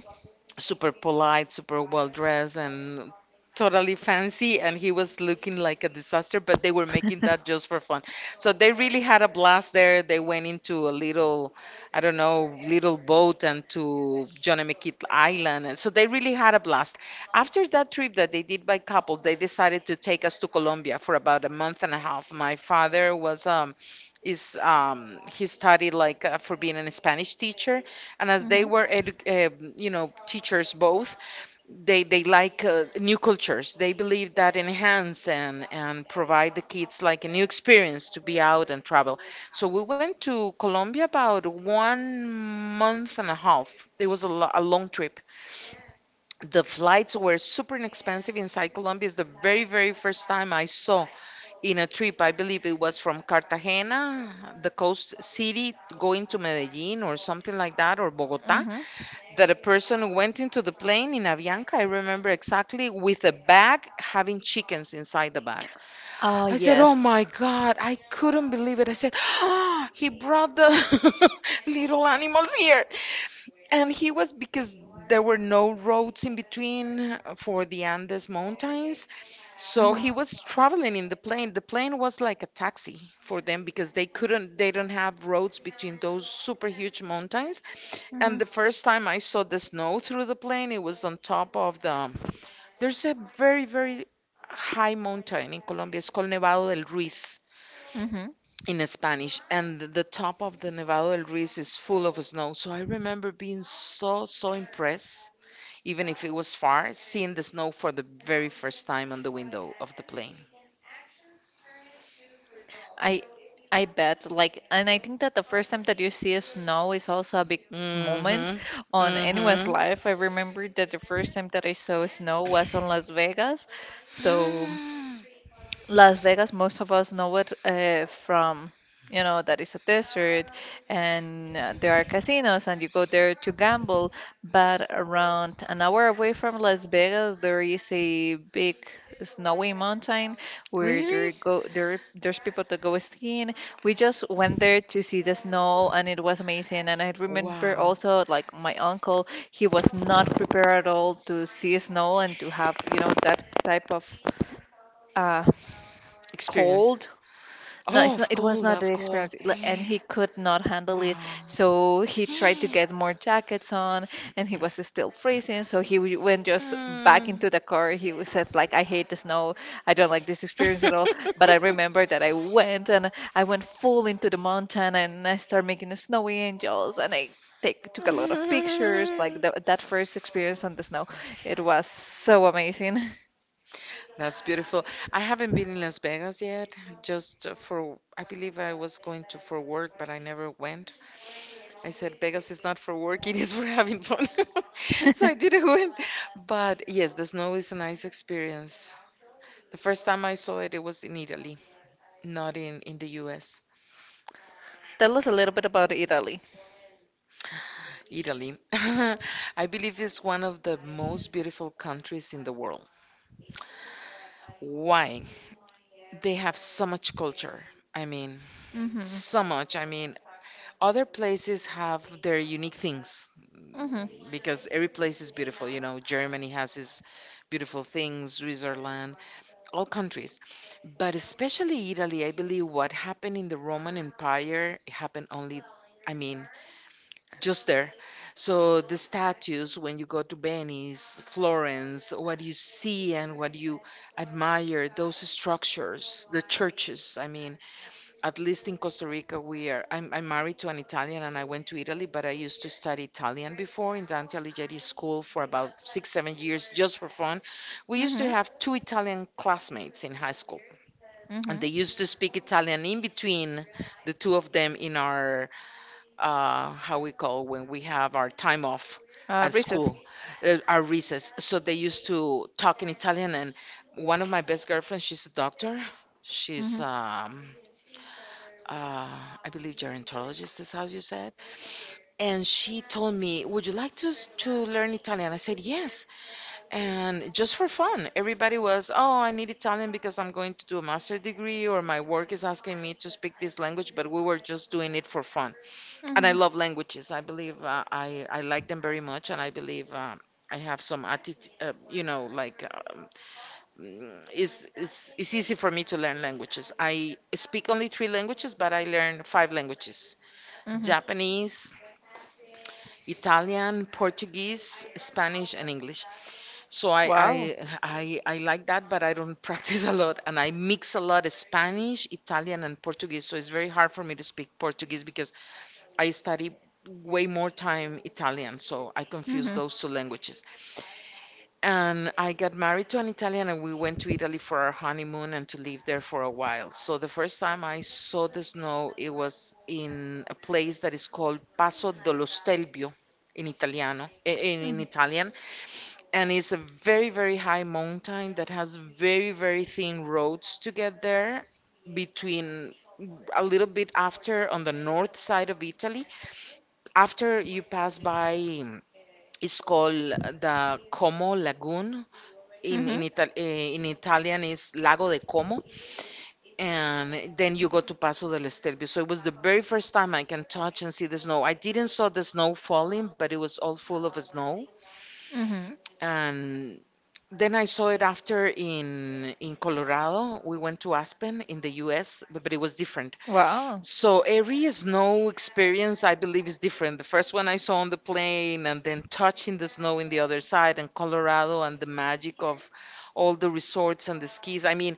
Speaker 2: super polite, super well dressed, and totally fancy. And he was looking like a disaster, but they were making
Speaker 1: Mm-hmm.
Speaker 2: that just for fun. So they really had a blast there. They went into a little, I don't know, little boat and to John McKeat Island. And so they really had a blast. After that trip that they did by couples, they decided to take us to Colombia for about a month and a half. My father was is he studied like for being a Spanish teacher, and as they were teachers both, they like new cultures. They believe that enhance and provide the kids like a new experience to be out and travel. So we went to Colombia about one month and a half. It was a long trip. The flights were super inexpensive inside Colombia. It's the very, very first time I saw in a trip, I believe it was from Cartagena, the coast city, going to Medellin or something like that, or Bogota,
Speaker 1: Mm-hmm.
Speaker 2: that a person went into the plane in Avianca, I remember exactly, with a bag having chickens inside the bag.
Speaker 1: Oh
Speaker 2: I said, "Oh
Speaker 1: yes.
Speaker 2: my God!" I couldn't believe it. I said, "He brought the little animals here," and he was because there were no roads in between for the Andes Mountains, so
Speaker 1: Mm-hmm.
Speaker 2: he was traveling in the plane. The plane was like a taxi for them because they couldn't, they don't have roads between those super huge mountains. And
Speaker 1: Mm-hmm.
Speaker 2: the first time I saw the snow through the plane, it was on top of the there's a very, very high mountain in Colombia. It's called Nevado del Ruiz
Speaker 1: Mm-hmm.
Speaker 2: in Spanish. And the top of the Nevado del Ruiz is full of snow. So I remember being so, so impressed, even if it was far, seeing the snow for the very first time on the window of the plane.
Speaker 1: I I bet like and I think that the first time that you see a snow is also a big moment
Speaker 2: Mm-hmm.
Speaker 1: on anyone's
Speaker 2: Mm-hmm.
Speaker 1: life. I remember that the first time that I saw snow was on Las Vegas. So Las Vegas, most of us know it from, that it's a desert and there are casinos and you go there to gamble. But around an hour away from Las Vegas, there is a big snowy mountain where
Speaker 2: Really?
Speaker 1: there's people that go skiing. We just went there to see the snow and it was amazing. And I remember
Speaker 2: Wow.
Speaker 1: also like my uncle, he was not prepared at all to see snow and to have, that type of uh
Speaker 2: Experience.
Speaker 1: cold no,
Speaker 2: Oh,
Speaker 1: it's not,
Speaker 2: of
Speaker 1: it was
Speaker 2: course,
Speaker 1: not
Speaker 2: of
Speaker 1: the
Speaker 2: course.
Speaker 1: experience, and he could not handle it.
Speaker 2: Wow.
Speaker 1: So he tried to get more jackets on, and he was still freezing. So he went just back
Speaker 2: Mm.
Speaker 1: into the car. He was said like, "I hate the snow. I don't like this experience at all." But I remember that I went full into the mountain, and I started making the snowy angels, and I take took a lot of pictures. Like that first experience on the snow, it was so amazing.
Speaker 2: That's beautiful. I haven't been in Las Vegas yet, just for, I believe I was going to for work, but I never went. I said Vegas is not for work, it is for having fun. So I didn't win. But yes, the snow is a nice experience. The first time I saw it, it was in Italy, not in the US.
Speaker 1: Tell us a little bit about Italy.
Speaker 2: Italy. I believe is one of the most beautiful countries in the world. Why? They have so much culture. I mean,
Speaker 1: Hmm.
Speaker 2: so much. I mean, other places have their unique things,
Speaker 1: Hmm.
Speaker 2: mm, because every place is beautiful. You know, Germany has its beautiful things, Switzerland, all countries. But especially Italy, I believe what happened in the Roman Empire happened only, I mean, just there. So the statues, when you go to Venice, Florence, what you see and what you admire, those structures, the churches, I mean, at least in Costa Rica, we are. I'm married to an Italian, and I went to Italy, but I used to study Italian before in Dante Alighieri School for about six, seven years just for fun. We used
Speaker 1: Hmm.
Speaker 2: to have two Italian classmates in high school, and they
Speaker 1: Mm-hmm.
Speaker 2: used to speak Italian in between the two of them in our, how we call when we have our time off at
Speaker 1: Reese's.
Speaker 2: school, our recess. So they used to talk in Italian, and one of my best girlfriends, she's a doctor. She's
Speaker 1: Mm-hmm.
Speaker 2: uh, I believe gerontologist is how you said. And she told me, "Would you like to to learn Italian?" I said, "Yes." And just for fun, everybody was, "Oh, I need Italian because I'm going to do a master degree or my work is asking me to speak this language." But we were just doing it for fun. And I
Speaker 1: Mm-hmm.
Speaker 2: love languages. I believe I like them very much, and I believe I have some attitude, like. It's easy for me to learn languages. I speak only three languages, but I learn five languages:
Speaker 1: Mm-hmm.
Speaker 2: Japanese, Italian, Portuguese, Spanish, and English. So I,
Speaker 1: Wow.
Speaker 2: I, I, I like that, but I don't practice a lot. And I mix a lot of Spanish, Italian, and Portuguese. So it's very hard for me to speak Portuguese because I study way more time Italian. So I confuse
Speaker 1: Mm-hmm.
Speaker 2: those two languages. And I got married to an Italian, and we went to Italy for our honeymoon and to live there for a while. So the first time I saw the snow, it was in a place that is called Passo dello Stelvio in Italiano, in Italian, and it's a very, very high mountain that has very, very thin roads to get there between a little bit after on the north side of Italy. After you pass by, it's called the Como Lagoon in
Speaker 1: Mm-hmm.
Speaker 2: in Italian is Lago de Como, and then you go to Paso del Estelvio. So it was the very first time I can touch and see the snow. I didn't saw the snow falling, but it was all full of snow.
Speaker 1: Mm-hmm.
Speaker 2: And then I saw it after in Colorado. We went to Aspen in the U.S., but it was different.
Speaker 1: Wow.
Speaker 2: So every snow experience, I believe, is different. The first one I saw on the plane, and then touching the snow in the other side, and Colorado, and the magic of all the resorts and the skis. I mean,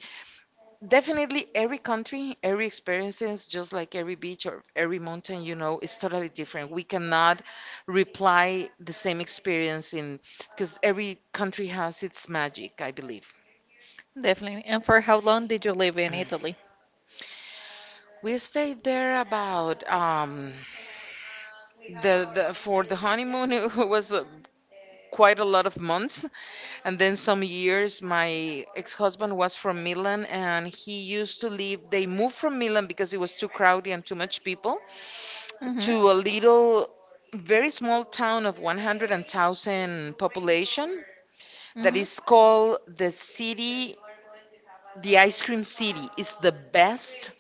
Speaker 2: definitely every country, every experiences, just like every beach or every mountain, you know, is totally different. We cannot reply the same experience in because every country has its magic, I believe.
Speaker 1: Definitely. And for how long did you live in Italy?
Speaker 2: We stayed there about the for the honeymoon it was quite a lot of months, and then some years. My ex-husband was from Milan, and he used to live they moved from Milan because it was too crowded and too much people to
Speaker 1: Mm-hmm.
Speaker 2: a little very small town of 100,000 population that
Speaker 1: Mm-hmm.
Speaker 2: is called the city, the ice cream city. It's the best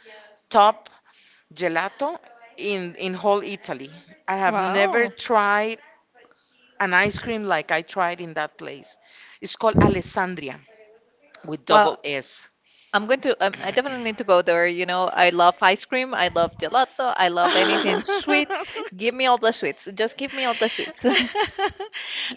Speaker 2: top gelato in whole Italy. I have never
Speaker 1: Wow.
Speaker 2: tried an ice cream like I tried in that place. It's called Alessandria with
Speaker 1: Well,
Speaker 2: double S.
Speaker 1: I definitely need to go there. I love ice cream. I love gelato. I love anything sweet. Give me all the sweets. Just give me all the sweets.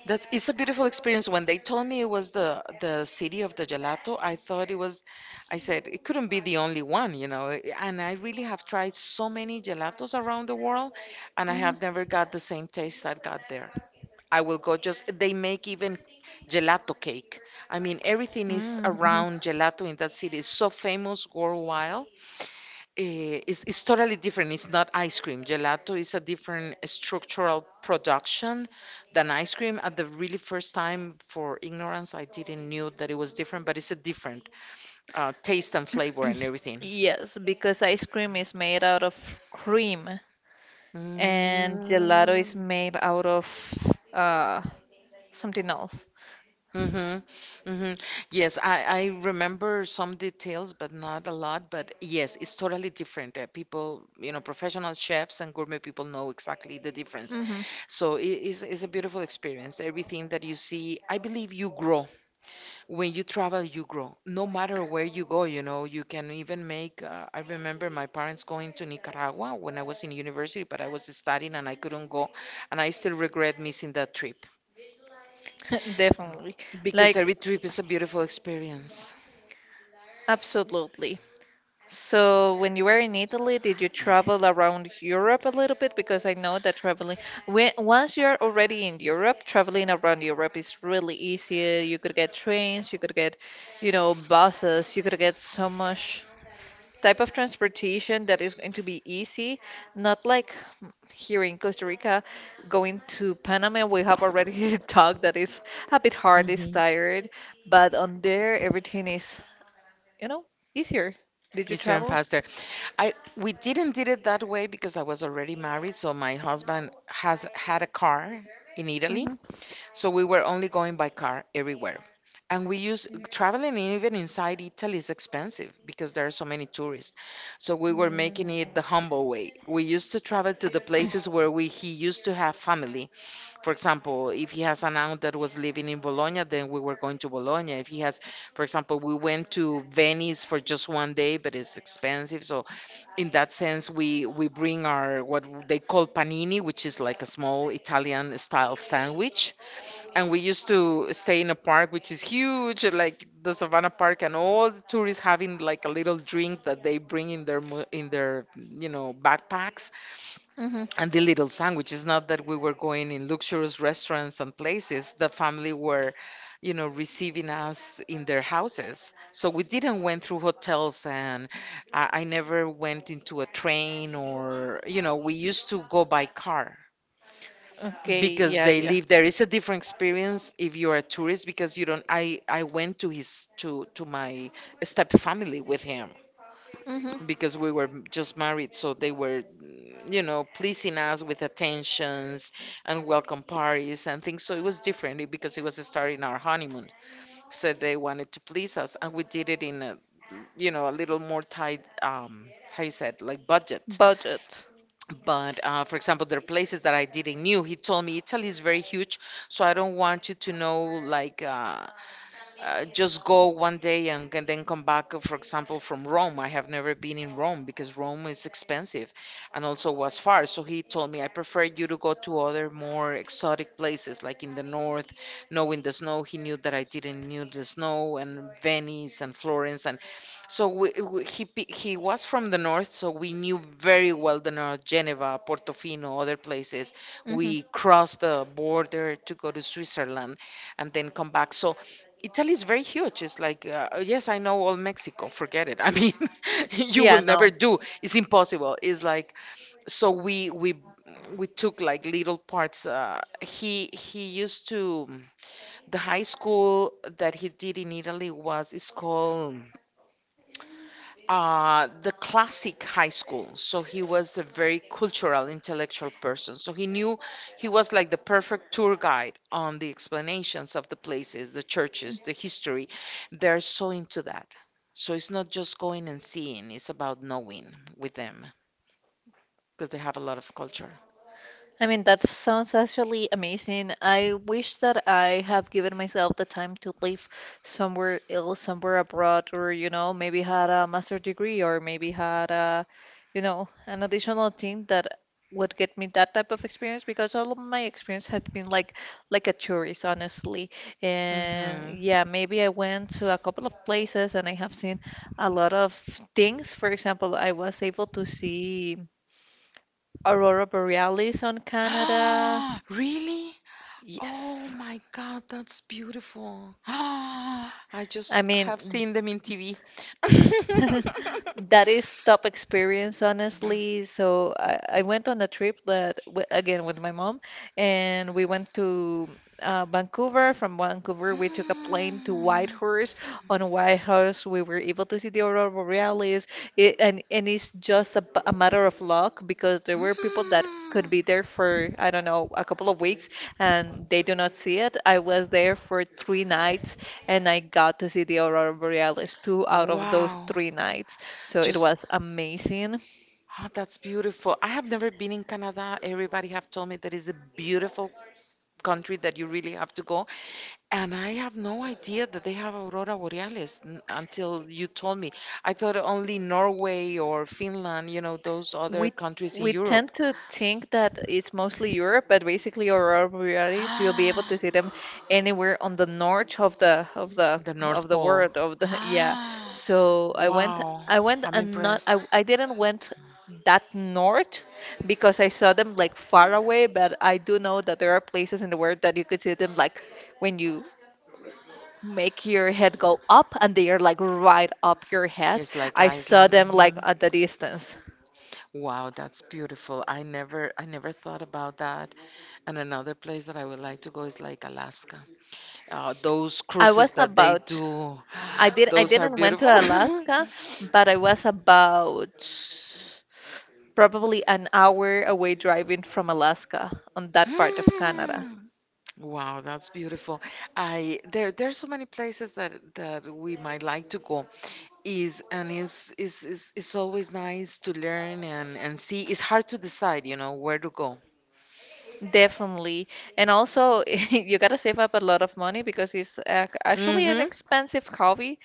Speaker 2: That's it's a beautiful experience. When they told me it was the city of the gelato, I thought it was. I said it couldn't be the only one, you know. And I really have tried so many gelatos around the world, and I
Speaker 1: Mm-hmm.
Speaker 2: have never got the same taste I got there. I will go just, they make even gelato cake. I mean, everything is
Speaker 1: Mm-hmm.
Speaker 2: around gelato in that city. It's so famous worldwide. It's totally different. It's not ice cream. Gelato is a different structural production than ice cream. At the really first time, for ignorance, I didn't knew that it was different, but it's a different taste and flavor and everything.
Speaker 1: Yes, because ice cream is made out of cream, and gelato is
Speaker 2: Mm.
Speaker 1: made out of something else.
Speaker 2: Mm-hmm. Mm-hmm. Yes, I remember some details, but not a lot. But yes, it's totally different. People, you know, professional chefs and gourmet people know exactly the difference.
Speaker 1: Hmm.
Speaker 2: So it is it's a beautiful experience. Everything that you see, I believe you grow. When you travel, you grow. No matter where you go, you know, you can even make. I remember my parents going to Nicaragua when I was in university, but I was studying and I couldn't go. And I still regret missing that trip
Speaker 1: Definitely.
Speaker 2: because
Speaker 1: Like,
Speaker 2: every trip is a beautiful experience.
Speaker 1: absolutely. So, when you were in Italy, did you travel around Europe a little bit? Because I know that traveling, once you're already in Europe, traveling around Europe is really easy. You could get trains, you could get, buses, you could get so much type of transportation that is going to be easy, not like here in Costa Rica, going to Panama, we have already talked that it's a bit hard, it's
Speaker 2: Hmm.
Speaker 1: tired, but on there everything is, you know, easier. Did you
Speaker 2: Easier and
Speaker 1: travel?
Speaker 2: faster. I We didn't did it that way because I was already married, so my husband has had a car in Italy,
Speaker 1: Mm-hmm.
Speaker 2: so we were only going by car everywhere. And we use traveling even inside Italy is expensive because there are so many tourists. So we were making it the humble way. We used to travel to the places where we he used to have family. For example, if he has an aunt that was living in Bologna, then we were going to Bologna. If he has, for example, we went to Venice for just 1 day, but it's expensive. So, in that sense, we bring our what they call panini, which is like a small Italian style sandwich. And we used to stay in a park which is huge, like the Savannah Park, and all the tourists having like a little drink that they bring in their backpacks
Speaker 1: Mm-hmm.
Speaker 2: and the little sandwiches. Not that we were going in luxurious restaurants and places. The family were, receiving us in their houses. So we didn't went through hotels, and I never went into a train or, we used to go by car
Speaker 1: Okay,
Speaker 2: because
Speaker 1: yeah,
Speaker 2: they
Speaker 1: yeah.
Speaker 2: live there. It's a different experience if you're a tourist because you don't. I went to his to my step family with him,
Speaker 1: Mm-hmm.
Speaker 2: because we were just married, so they were, pleasing us with attentions and welcome parties and things. So it was different because it was starting our honeymoon. So they wanted to please us, and we did it in a, a little more tight, how you said, like budget.
Speaker 1: Budget.
Speaker 2: But for example, there are places that I didn't knew. He told me Italy is very huge, so I don't want you to know like just go 1 day and, can then come back, for example, from Rome. I have never been in Rome because Rome is expensive and also was far. So he told me, I prefer you to go to other more exotic places like in the north, knowing the snow. He knew that I didn't knew the snow and Venice and Florence. And so he was from the north, so we knew very well the north, Geneva, Portofino, other places.
Speaker 1: Mm-hmm.
Speaker 2: We crossed the border to go to Switzerland and then come back. So Italy is very huge. It's like, yes, I know all Mexico. Forget it. I mean, you
Speaker 1: Yeah,
Speaker 2: will
Speaker 1: no.
Speaker 2: never do. It's impossible. It's like so we took like little parts. He used to the high school that he did in Italy was is called the classic high school. So he was a very cultural, intellectual person. So he knew he was like the perfect tour guide on the explanations of the places, the churches, the history. They're so into that. So it's not just going and seeing, it's about knowing with them because they have a lot of culture.
Speaker 1: I mean, that sounds actually amazing. I wish that I have given myself the time to live somewhere else, somewhere abroad, or, maybe had a master degree or maybe had a an additional thing that would get me that type of experience because all of my experience had been like a tourist, honestly. And
Speaker 2: Hmm.
Speaker 1: yeah, maybe I went to a couple of places and I have seen a lot of things. For example, I was able to see Aurora Borealis on Canada.
Speaker 2: Really? Oh
Speaker 1: Yes.
Speaker 2: my God, that's beautiful. I
Speaker 1: I
Speaker 2: just have
Speaker 1: mean,
Speaker 2: seen them in TV.
Speaker 1: that is top experience, honestly. So I went on a trip that w again with my mom, and we went to Vancouver. From Vancouver, we took a plane to
Speaker 2: Mm.
Speaker 1: Whitehorse. On Whitehorse, we were able to see the aurora borealis. It, and it's just a matter of luck because there were people that could
Speaker 2: Mm.
Speaker 1: be there for I don't know a couple of weeks, and they do not see it. I was there for 3 nights, and I got to see the aurora borealis two out of those
Speaker 2: Wow.
Speaker 1: 3 nights. So it
Speaker 2: Just,
Speaker 1: was amazing.
Speaker 2: ah, that's beautiful. I have never been in Canada. Everybody have told me that is a beautiful country that you really have to go. And I have no idea that they have aurora borealis until you told me. I thought only Norway or Finland, those other
Speaker 1: We
Speaker 2: countries in
Speaker 1: we
Speaker 2: Europe.
Speaker 1: tend to think that it's mostly Europe, but basically aurora borealis, you'll be able
Speaker 2: Ah,
Speaker 1: to see them anywhere on the north of the of the
Speaker 2: the
Speaker 1: of
Speaker 2: North
Speaker 1: the
Speaker 2: Pole.
Speaker 1: world of the yeah.
Speaker 2: Ah,
Speaker 1: So I went
Speaker 2: wow.
Speaker 1: I went
Speaker 2: I'm
Speaker 1: and not
Speaker 2: impressed.
Speaker 1: I didn't went that north because I saw them like far away, but I do know that there are places in the world that you could see them like when you make your head go up and they are like right up your head.
Speaker 2: It's like
Speaker 1: I saw
Speaker 2: Iceland.
Speaker 1: them like
Speaker 2: Mhm.
Speaker 1: at the distance.
Speaker 2: Wow, that's beautiful. I never thought about that. And another place that I would like to go is like Alaska. Those
Speaker 1: I
Speaker 2: cruises
Speaker 1: was
Speaker 2: that they
Speaker 1: about
Speaker 2: do,
Speaker 1: I did I
Speaker 2: those are
Speaker 1: didn't went
Speaker 2: beautiful.
Speaker 1: to Alaska, but I was about probably an hour away driving from Alaska on that part of Canada.
Speaker 2: Hmm. Wow, that's beautiful. I there's so many places that we might like to go. Is and is is It's always nice to learn and see. It's hard to decide, where to go.
Speaker 1: Definitely. And also, you gotta save up a lot of money because it's actually an
Speaker 2: Mm-hmm.
Speaker 1: expensive hobby.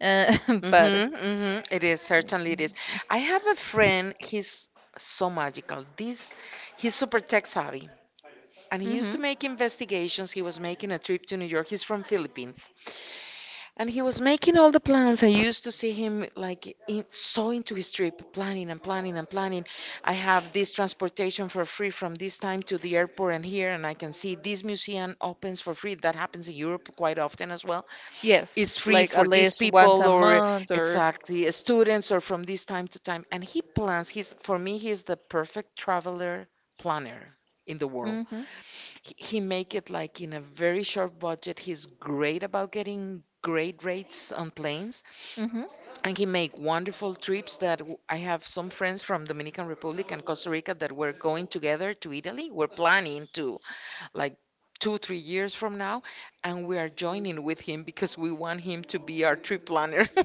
Speaker 1: Uh, but
Speaker 2: Mm-hmm. Mm-hmm. It is, certainly it is. I have a friend, he's so magical. This He's super tech savvy, and he used to
Speaker 1: mhm.
Speaker 2: make investigations. He was making a trip to New York. He's from Philippines. And he was making all the plans. I used to see him like in, so into his trip, planning and planning and planning. I have this transportation for free from this time to the airport and here, and I can see this museum opens for free. That happens in Europe quite often as well. It's
Speaker 1: Yes,
Speaker 2: free
Speaker 1: like at
Speaker 2: for these
Speaker 1: least once
Speaker 2: people
Speaker 1: a
Speaker 2: or
Speaker 1: month or
Speaker 2: exactly students or from this time to time. And he plans. He's the perfect traveler planner in the world.
Speaker 1: mhm.
Speaker 2: He make it like in a very short budget. He's great about getting great rates on planes,
Speaker 1: Hmm.
Speaker 2: and he make wonderful trips I have some friends from Dominican Republic and Costa Rica that were going together to Italy. We're planning to like two, 3 years from now, and we are joining with him because we want him to be our trip planner.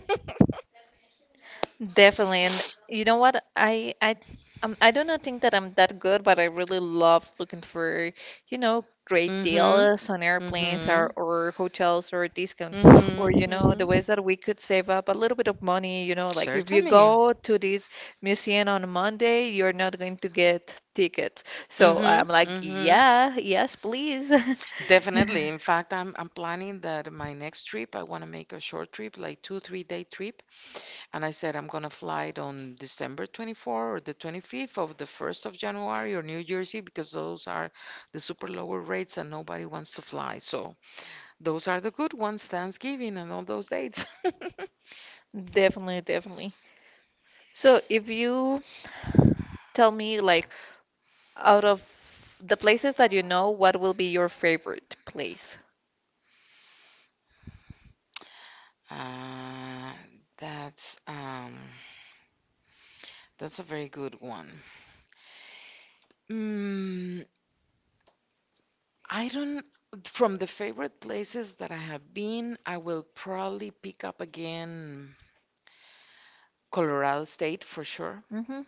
Speaker 1: Definitely. And you know what? I do not think that I'm that good, but I really love looking for, great
Speaker 2: Mm-hmm.
Speaker 1: deals on airplanes
Speaker 2: Mm-hmm.
Speaker 1: or hotels or discounts or,
Speaker 2: Mm-hmm.
Speaker 1: the
Speaker 2: Mm-hmm.
Speaker 1: ways that we could save up a little bit of money, like if you
Speaker 2: Certainly.
Speaker 1: go to this museum on Monday, you're not going to get tickets. So
Speaker 2: Mm-hmm.
Speaker 1: I'm like,
Speaker 2: Mm-hmm.
Speaker 1: yeah, yes, please.
Speaker 2: Definitely. In fact, I'm planning that my next trip, I want to make a short trip, like two, 3 day trip. And I said I'm gonna fly it on December 24 or the 25th of the 1st of January or New Jersey because those are the super lower rates and nobody wants to fly. So those are the good ones, Thanksgiving and all those dates.
Speaker 1: Definitely, definitely. So, if you tell me like, out of the places that you know, what will be your favorite place?
Speaker 2: Uh, that's um that's a very good one. Mm, I don't, from the favorite places that I have been, I will probably pick up again Colorado State for sure.
Speaker 1: Mm-hmm.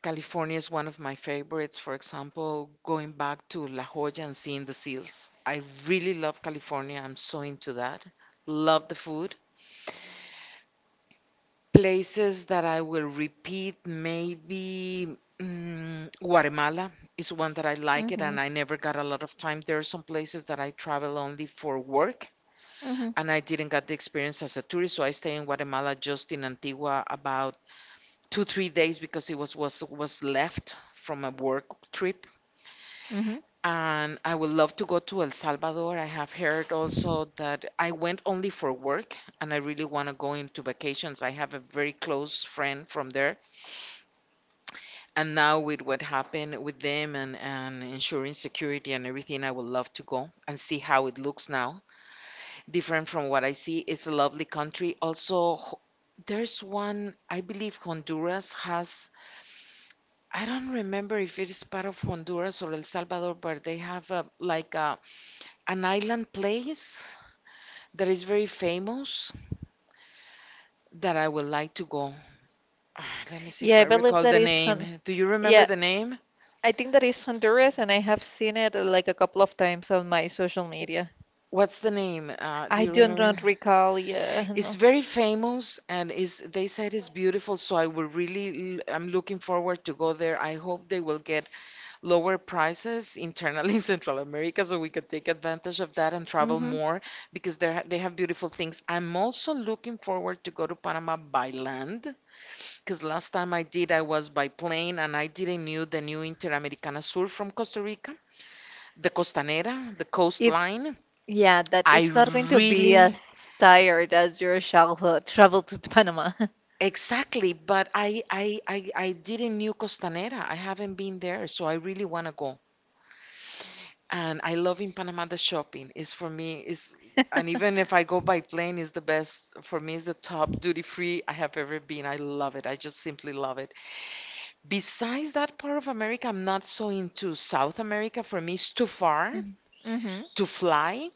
Speaker 2: California is one of my favorites. For example, going back to La Jolla and seeing the seals. I really love California. I'm so into that. Love the food. Places that I will repeat, maybe Guatemala is one that I like it
Speaker 1: Mm-hmm.
Speaker 2: and I never got a lot of time. There are some places that I travel only for work
Speaker 1: Mm-hmm.
Speaker 2: and I didn't get the experience as a tourist. So I stayed in Guatemala, just in Antigua, about two, 3 days because it was left from a work trip.
Speaker 1: Mm-hmm.
Speaker 2: And I would love to go to El Salvador. I have heard also that I went only for work, and I really want to go into vacations. I have a very close friend from there, and now with what happened with them and ensuring security and everything, I would love to go and see how it looks now different from what I see. It's a lovely country. Also, there's one, I believe Honduras has, I don't remember if it is part of Honduras or El Salvador, but they have a, like a, an island place that is very famous that I would like to go. Ah, let me see if
Speaker 1: Yeah,
Speaker 2: I
Speaker 1: I believe
Speaker 2: recall
Speaker 1: that
Speaker 2: the
Speaker 1: is Hon
Speaker 2: name. Do you remember
Speaker 1: yeah,
Speaker 2: the name?
Speaker 1: I think that is Honduras and I have seen it like a couple of times on my social media.
Speaker 2: What's the name? Do
Speaker 1: I
Speaker 2: you
Speaker 1: do
Speaker 2: remember?
Speaker 1: not recall, yeah,
Speaker 2: It's
Speaker 1: no.
Speaker 2: very famous and is they said it's beautiful, so I will really I'm looking forward to go there. I hope they will get lower prices internally in Central America so we can take advantage of that and travel
Speaker 1: Mm-hmm.
Speaker 2: more because they they have beautiful things. I'm also looking forward to go to Panama by land because last time I did I was by plane and I didn't knew the new Interamericana Sur from Costa Rica, the Costanera, the
Speaker 1: If
Speaker 2: coastline.
Speaker 1: yeah, that
Speaker 2: I
Speaker 1: it's not going to be
Speaker 2: really
Speaker 1: as tired as your childhood travel to Panama.
Speaker 2: exactly, but I didn't knew Costanera. I haven't been there, so I really want to go. And I love in Panama the shopping is for me is and even if I go by plane is the best for me is the top duty free I have ever been. I love it. I just simply love it. Besides that part of America, I'm not so into South America. For me, it's too far
Speaker 1: Mhm. Mm-hmm.
Speaker 2: to fly.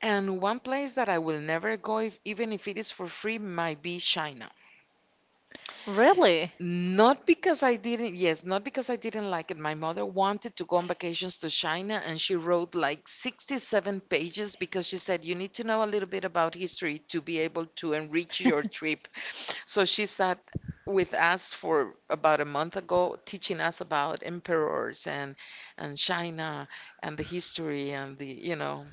Speaker 2: And one place that I will never go if, even if it is for free might be China.
Speaker 1: Really?
Speaker 2: Not because I didn't, yes, not because I didn't like it. My mother wanted to go on vacations to China and she wrote like 67 pages because she said you need to know a little bit about history to be able to enrich your trip. So she sat with us for about a month ago teaching us about emperors and China and the history and the, you know,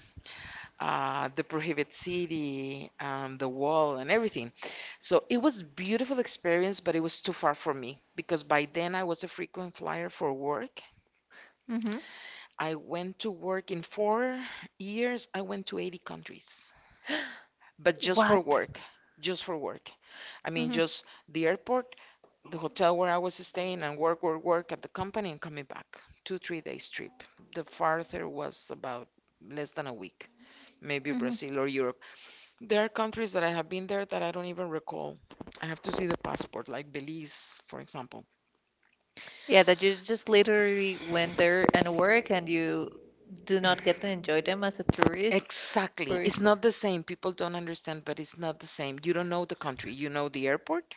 Speaker 2: the prohibit city and the wall and everything. So it was beautiful experience but it was too far for me because by then I was a frequent flyer for work.
Speaker 1: Mm-hmm.
Speaker 2: I went to work in 4 years I went to 80 countries but just for
Speaker 1: What?
Speaker 2: work. Just for work. I mean
Speaker 1: Mm-hmm.
Speaker 2: just the airport, the hotel where I was staying and work work work at the company and coming back. 2, 3 days trip. The farther was about less than a week, maybe Brazil or Europe. There are countries that I have been there that I don't even recall. I have to see the passport, like Belize, for example.
Speaker 1: Yeah, that you just literally went there and work and you do not get to enjoy them as a tourist.
Speaker 2: Exactly.
Speaker 1: Or
Speaker 2: It's not the same. People don't understand, but it's not the same. You don't know the country. You know the airport,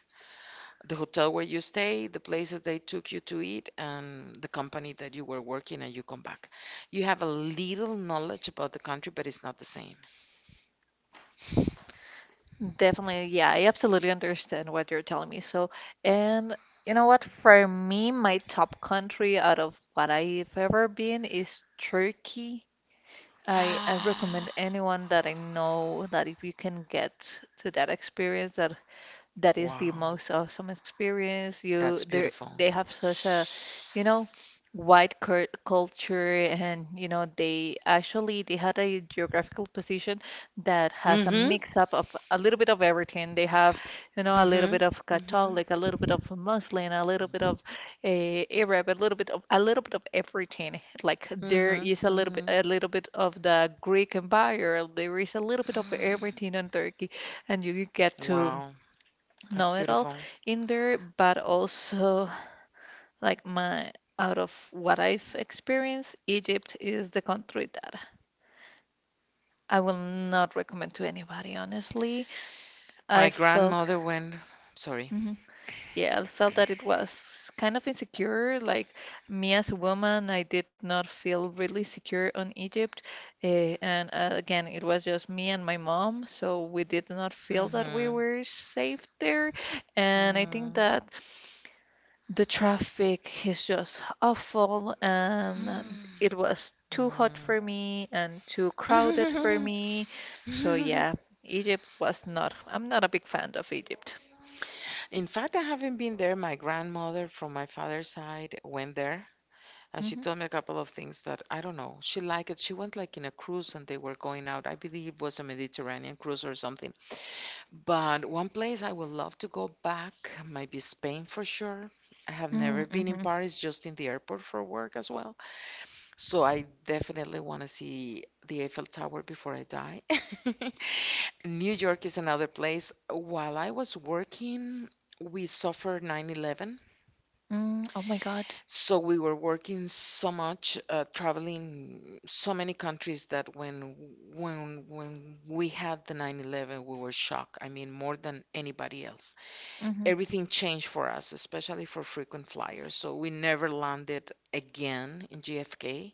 Speaker 2: the hotel where you stay, the places they took you to eat, and the company that you were working and you come back. You have a little knowledge about the country, but it's not the same.
Speaker 1: definitely, yeah, I absolutely understand what you're telling me. So, and you know what? For me, my top country out of what I've ever been is Turkey. I recommend anyone that I know that if you can get to that experience, that that is the
Speaker 2: Wow.
Speaker 1: most awesome experience. You
Speaker 2: That's
Speaker 1: there
Speaker 2: beautiful.
Speaker 1: they have such a, you know, wide cur culture and they actually they had a geographical position that has a
Speaker 2: Mm-hmm.
Speaker 1: mix up of a little bit of everything. They have, a little bit
Speaker 2: Mm-hmm.
Speaker 1: of
Speaker 2: Mm-hmm.
Speaker 1: Catholic, a little bit of Muslim, a little bit of Arab, a little bit of everything. Like there
Speaker 2: Mm-hmm.
Speaker 1: is a little bit
Speaker 2: Mm-hmm.
Speaker 1: a little bit of the Greek Empire. There is a little bit of everything in Turkey, and you get to
Speaker 2: Wow. That's
Speaker 1: know it all
Speaker 2: beautiful.
Speaker 1: in there, but also like my out of what I've experienced, Egypt is the country that I will not recommend to anybody, honestly. I
Speaker 2: My
Speaker 1: felt.
Speaker 2: grandmother went. Sorry.
Speaker 1: Mhm. Yeah, I felt that it was kind of insecure. Like me as a woman, I did not feel really secure on Egypt. And again, it was just me and my mom, so we did not feel that we
Speaker 2: Mm-hmm.
Speaker 1: were safe there. And I think that the traffic is just awful, and it was too hot
Speaker 2: Mm-hmm.
Speaker 1: for me and too crowded for me. So yeah, Egypt was not, I'm not a big fan of Egypt.
Speaker 2: In fact, I haven't been there. My grandmother from my father's side went there, and she
Speaker 1: Hmm.
Speaker 2: told me a couple of things that I don't know. She liked it. She went like in a cruise, and they were going out. I believe it was a Mediterranean cruise or something. But one place I would love to go back might be Spain for sure. I have never been in
Speaker 1: Mm-hmm.
Speaker 2: Paris, just in the airport for work as well. So I definitely want to see the Eiffel Tower before I die. New York is another place. While I was working, we suffered 9/11.
Speaker 1: Mm, oh my God.
Speaker 2: So we were working so much, traveling so many countries that when we had the 9/11, we were shocked. I mean, more than anybody else.
Speaker 1: Hmm.
Speaker 2: Everything changed for us, especially for frequent flyers. So we never landed again in JFK.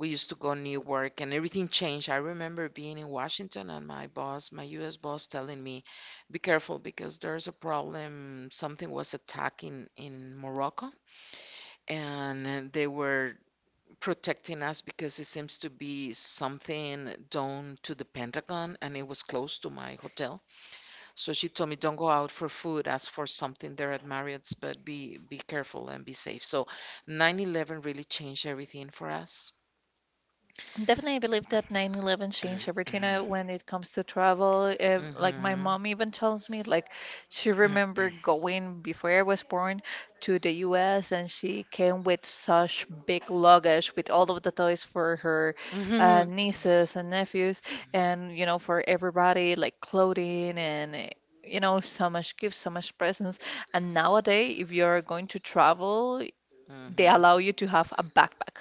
Speaker 2: We used to go Newark and everything changed. I remember being in Washington and my boss, my US boss, telling me, be careful because there's a problem. Something was attacking in Morocco and they were protecting us because it seems to be something done to the Pentagon and it was close to my hotel. So she told me, don't go out for food, ask for something there at Marriott's, but be careful and be safe. So 9/11 really changed everything for us.
Speaker 1: Definitely, I believe that 9/11 changed everything when it comes to travel. Like my
Speaker 2: Hmm.
Speaker 1: mom even tells me, like she remember going before I was born to the U.S. and she came with such big luggage with all of the toys for her
Speaker 2: Mhm.
Speaker 1: nieces and nephews, and for everybody like clothing and so much gifts, so much presents. And nowadays, if you're going to travel, they
Speaker 2: Mhm.
Speaker 1: allow you to have a backpack,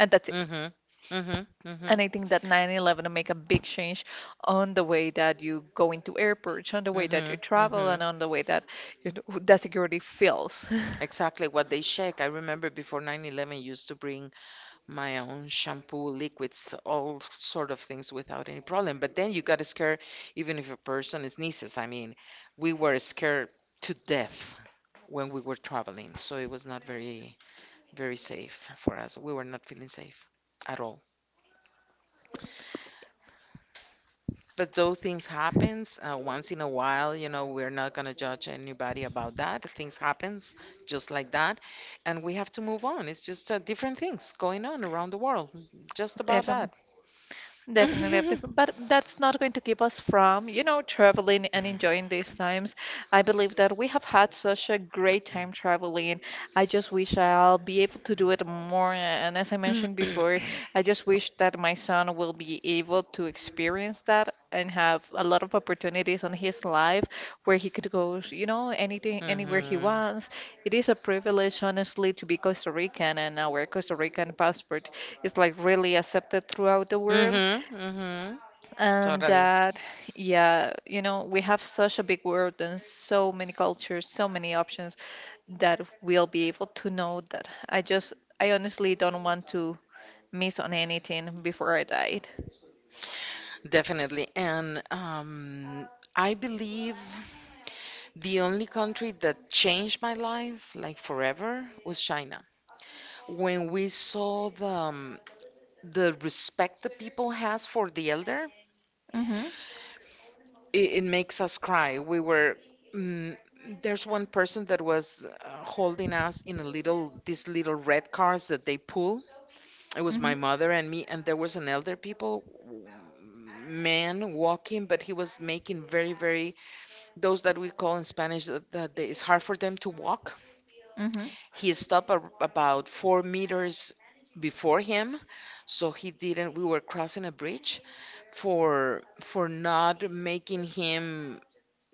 Speaker 1: and that's it.
Speaker 2: Mhm. Mhm.
Speaker 1: And
Speaker 2: Mhm.
Speaker 1: I think that 9/11 make a big change on the way that you go into airports, on the way that you
Speaker 2: Mhm.
Speaker 1: travel, and
Speaker 2: Mhm.
Speaker 1: on the way that that security feels.
Speaker 2: Exactly what they shake. I remember before 9/11 used to bring my own shampoo, liquids, all sort of things without any problem. But then you got scared even if a person sneezes. I mean, we were scared to death when we were traveling, so it was not very safe for us. We were not feeling safe at all. But those things happens once in a while, you know, we're not gonna judge anybody about that. Things happens just like that, and we have to move on. It's just different things going on around the world, just about
Speaker 1: Definitely.
Speaker 2: that.
Speaker 1: Definitely, up but that's not going to keep us from, traveling and enjoying these times. I believe that we have had such a great time traveling. I just wish I'll be able to do it more. And as I mentioned
Speaker 2: Hmm.
Speaker 1: before, I just wish that my son will be able to experience that and have a lot of opportunities on his life where he could go, anywhere he wants. It is a privilege, honestly, to be Costa Rican, and our Costa Rican passport is like really accepted throughout the world.
Speaker 2: Hmm. Hmm.
Speaker 1: And
Speaker 2: Totally.
Speaker 1: yeah, we have such a big world and so many cultures, so many options that we'll be able to know that. I honestly don't want to miss on anything before I died.
Speaker 2: Definitely. And I believe the only country that changed my life like forever was China. When we saw the the respect the people has for the elder,
Speaker 1: Mm-hmm.
Speaker 2: it makes us cry. We were mm, there's one person that was holding us in a little these little red cars that they pull. It was
Speaker 1: Mm-hmm.
Speaker 2: my mother and me, and there was an elder people man walking, but he was making very those that we call in Spanish that it's hard for them to walk.
Speaker 1: Mm-hmm.
Speaker 2: He stopped a, about four meters before him, so he didn't, we were crossing a bridge, for not making him,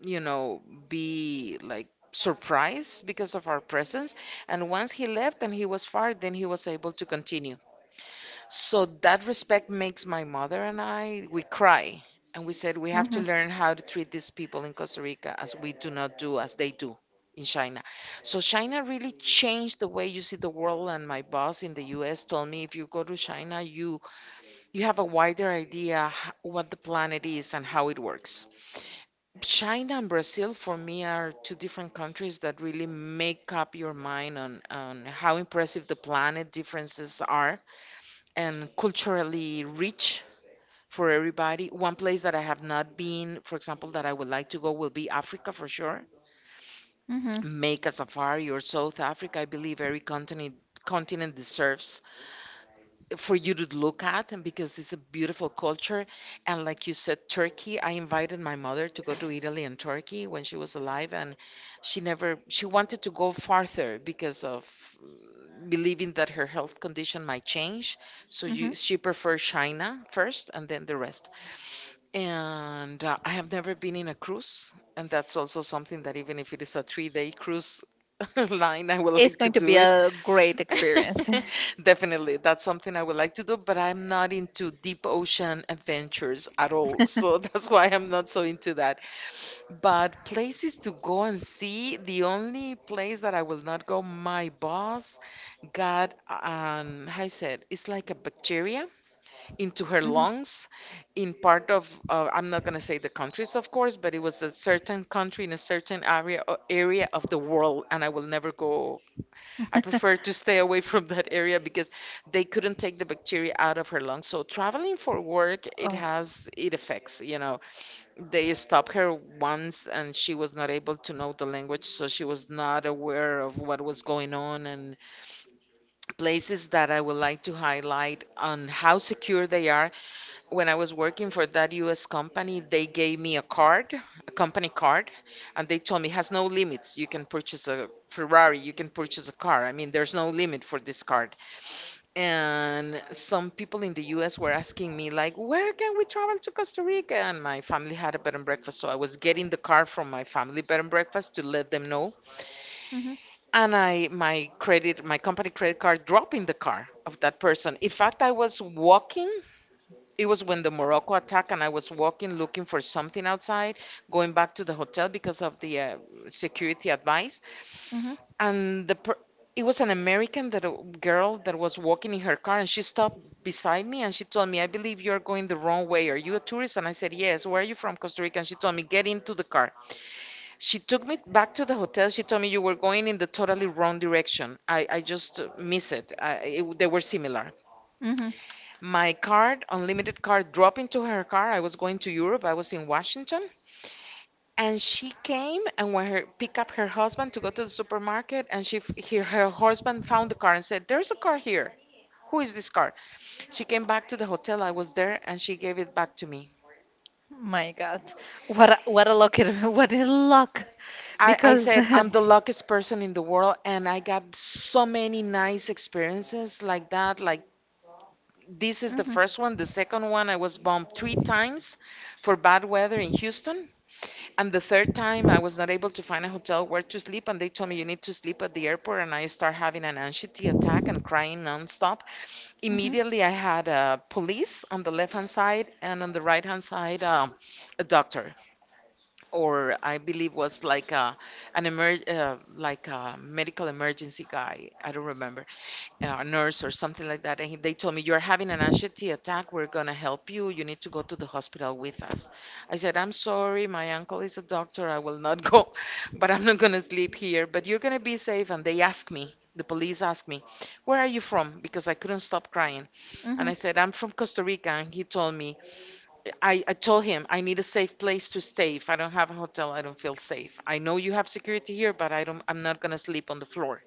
Speaker 2: you know, be like surprised because of our presence, and once he left and he was far, then he was able to continue. So that respect makes my mother and I, we cry. And we said we have to
Speaker 1: Mm-hmm.
Speaker 2: learn how to treat these people in Costa Rica as we do not do as they do in China. So China really changed the way you see the world. And my boss in the US told me if you go to China, you have a wider idea what the planet is and how it works. China and Brazil for me are two different countries that really make up your mind on how impressive the planet differences are and culturally rich for everybody. One place that I have not been, for example, that I would like to go will be Africa for sure.
Speaker 1: Mm-hmm.
Speaker 2: Make a safari or South Africa. I believe every continent deserves for you to look at, and because it's a beautiful culture, and like you said, Turkey. I invited my mother to go to Italy and Turkey when she was alive, and she never she wanted to go farther because of, believing that her health condition might change. So
Speaker 1: Mm-hmm.
Speaker 2: you, she preferred China first and then the rest. And I have never been in a cruise, and that's also something that even if it is a three-day cruise, line I would
Speaker 1: It's
Speaker 2: like to
Speaker 1: going to
Speaker 2: do
Speaker 1: be
Speaker 2: it.
Speaker 1: a great experience.
Speaker 2: Definitely, that's something I would like to do, but I'm not into deep ocean adventures at all. So that's why I'm not so into that. But places to go and see, the only place that I will not go, my boss got an, how you said, it's like a bacteria into her
Speaker 1: Mhm.
Speaker 2: lungs in part of I'm not going to say the countries of course, but it was a certain country in a certain area area of the world, and I will never go. I prefer to stay away from that area because they couldn't take the bacteria out of her lungs. So traveling for work, it
Speaker 1: Oh.
Speaker 2: has, it affects, you know, they stopped her once and she was not able to know the language, so she was not aware of what was going on. And places that I would like to highlight on how secure they are, when I was working for that US company, they gave me a card, a company card, and they told me has no limits. You can purchase a Ferrari, you can purchase a car. I mean, there's no limit for this card. And some people in the US were asking me like, "Where can we travel to Costa Rica?" And my family had a bed and breakfast, so I was getting the car from my family bed and breakfast to let them know.
Speaker 1: Mhm.
Speaker 2: And I my credit, my company credit card dropped in the car of that person. In fact, I was walking, it was when the Morocco attack, and I was walking looking for something outside, going back to the hotel because of the security advice.
Speaker 1: Mhm.
Speaker 2: And the per it was an American that a girl that was walking in her car, and she stopped beside me and she told me, "I believe you're going the wrong way. Are you a tourist?" And I said, "Yes." "Where are you from?" Costa Rica. And she told me, "Get into the car." She took me back to the hotel. She told me you were going in the totally wrong direction. I just miss it. I, it. They were similar,
Speaker 1: Mhm.
Speaker 2: my card, unlimited card, dropped into her car. I was going to Europe. I was in Washington, and she came and went her pick up her husband to go to the supermarket, and her husband found the car and said, "There's a car here. Who is this car?" She came back to the hotel. I was there, and she gave it back to me.
Speaker 1: My God. What a luck it, what is luck?
Speaker 2: I
Speaker 1: Because
Speaker 2: said, I'm
Speaker 1: Mhm.
Speaker 2: the luckiest person in the world, and I got so many nice experiences like that. Like, this is the first one. The second one, I was bombed three times for bad weather in Houston. And the third time, I was not able to find a hotel where to sleep, and they told me you need to sleep at the airport. And I start having an anxiety attack and crying nonstop.
Speaker 1: Mhm.
Speaker 2: Immediately, I had a police on the left hand side, and on the right hand side, a doctor, or I believe was like a an emer like a medical emergency guy. I don't remember, a nurse or something like that, and he, they told me, You're having an anxiety attack. We're going to help you. You need to go to the hospital with us. I said, I'm sorry. My uncle is a doctor. I will not go, but I'm not going to sleep here. But you're going to be safe. And they asked me, the police asked me, Where are you from? Because I couldn't stop crying. And I
Speaker 1: Mhm.
Speaker 2: said, I'm from Costa Rica. And he told me, I told him I need a safe place to stay. If I don't have a hotel, I don't feel safe. I know you have security here, but I'm not gonna sleep on the floor.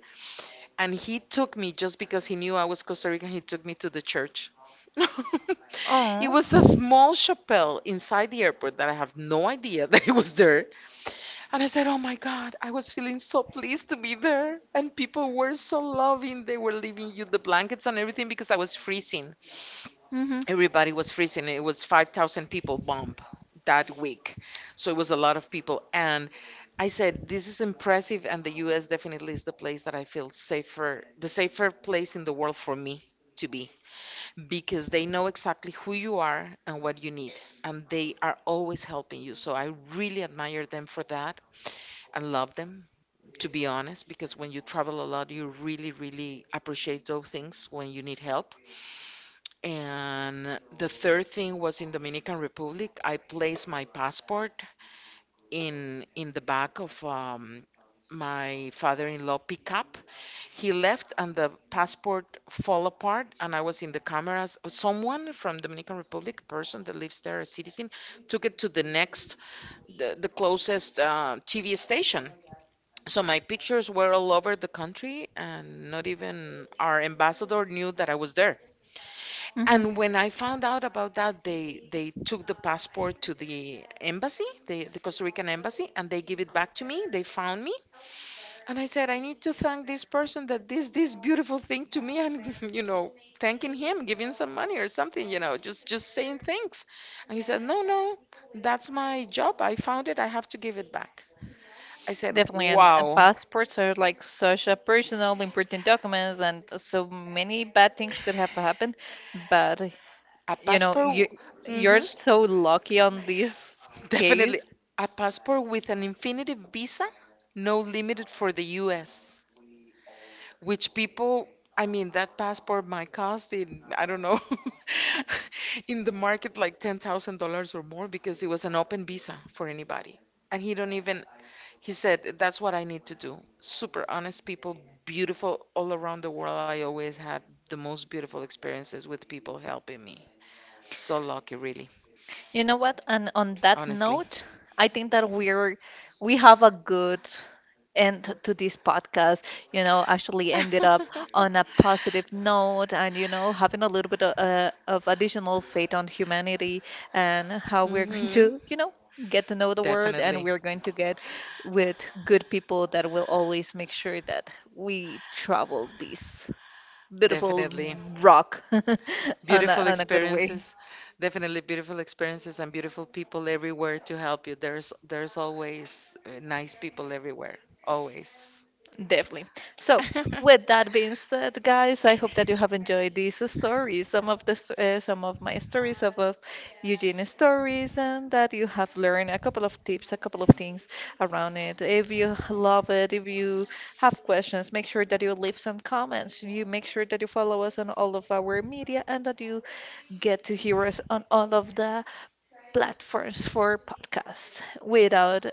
Speaker 2: And he took me just because he knew I was Costa Rican, he took me to the church. It
Speaker 1: Oh.
Speaker 2: was a small chapel inside the airport that I have no idea that it was there. And I said, Oh my God, I was feeling so pleased to be there. And people were so loving. They were leaving you the blankets and everything because I was freezing,
Speaker 1: Hmm.
Speaker 2: everybody was freezing. It was 5,000 people bump that week. So it was a lot of people. And I said, this is impressive. And the US definitely is the place that I feel safer, the safer place in the world for me to be, because they know exactly who you are and what you need. And they are always helping you. So I really admire them for that and love them, to be honest, because when you travel a lot, you really, really appreciate those things when you need help. And the third thing was in Dominican Republic, I placed my passport in the back of my father-in-law pickup. He left and the passport fall apart, and I was in the cameras. Someone from Dominican Republic, a person that lives there, a citizen, took it to the next, the closest TV station. So my pictures were all over the country, and not even our ambassador knew that I was there.
Speaker 1: Hmm.
Speaker 2: And when I found out about that, they took the passport to the embassy, the Costa Rican embassy, and they give it back to me. They found me, and I said, I need to thank this person that this beautiful thing to me, and you know, thanking him, giving some money or something, you know, just saying thanks. And he said, No, no, that's my job. I found it. I have to give it back. I said,
Speaker 1: Definitely. And
Speaker 2: Wow,
Speaker 1: passports are like such a personal, important documents, and so many bad things could have happened. But
Speaker 2: a
Speaker 1: you know,
Speaker 2: passport.
Speaker 1: you you're
Speaker 2: Hmm.
Speaker 1: so lucky on this
Speaker 2: Definitely,
Speaker 1: case.
Speaker 2: a passport with an infinity visa, no limited for the US, which people, I mean, that passport might cost in, I don't know, in the market like $10,000 or more because it was an open visa for anybody. And he don't even, he said, that's what I need to do. Super honest people, beautiful all around the world. I always had the most beautiful experiences with people helping me. So lucky, really,
Speaker 1: You know what? And on that
Speaker 2: honestly.
Speaker 1: note, I think that we have a good end to this podcast. Actually ended up on a positive note, and having a little bit of additional faith on humanity and how we're going
Speaker 2: Hmm.
Speaker 1: to, get to know the world, and
Speaker 2: Definitely,
Speaker 1: we're going to get with good people that will always make sure that we travel this beautiful
Speaker 2: definitely.
Speaker 1: rock on a,
Speaker 2: Beautiful
Speaker 1: on a good way.
Speaker 2: experiences, definitely beautiful experiences and beautiful people everywhere to help you. There's always nice people everywhere. Always.
Speaker 1: Definitely. So, with that being said, guys, I hope that you have enjoyed these stories, some of my stories, some of Eugene's stories, and that you have learned a couple of tips, a couple of things around it. If you love it, if you have questions, make sure that you leave some comments. You make sure that you follow us on all of our media and that you get to hear us on all of the platforms for podcasts. Without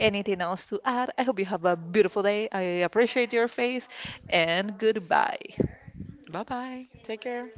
Speaker 1: anything else to add, I hope you have a beautiful day. I appreciate your face and goodbye.
Speaker 2: Bye-bye. Take care.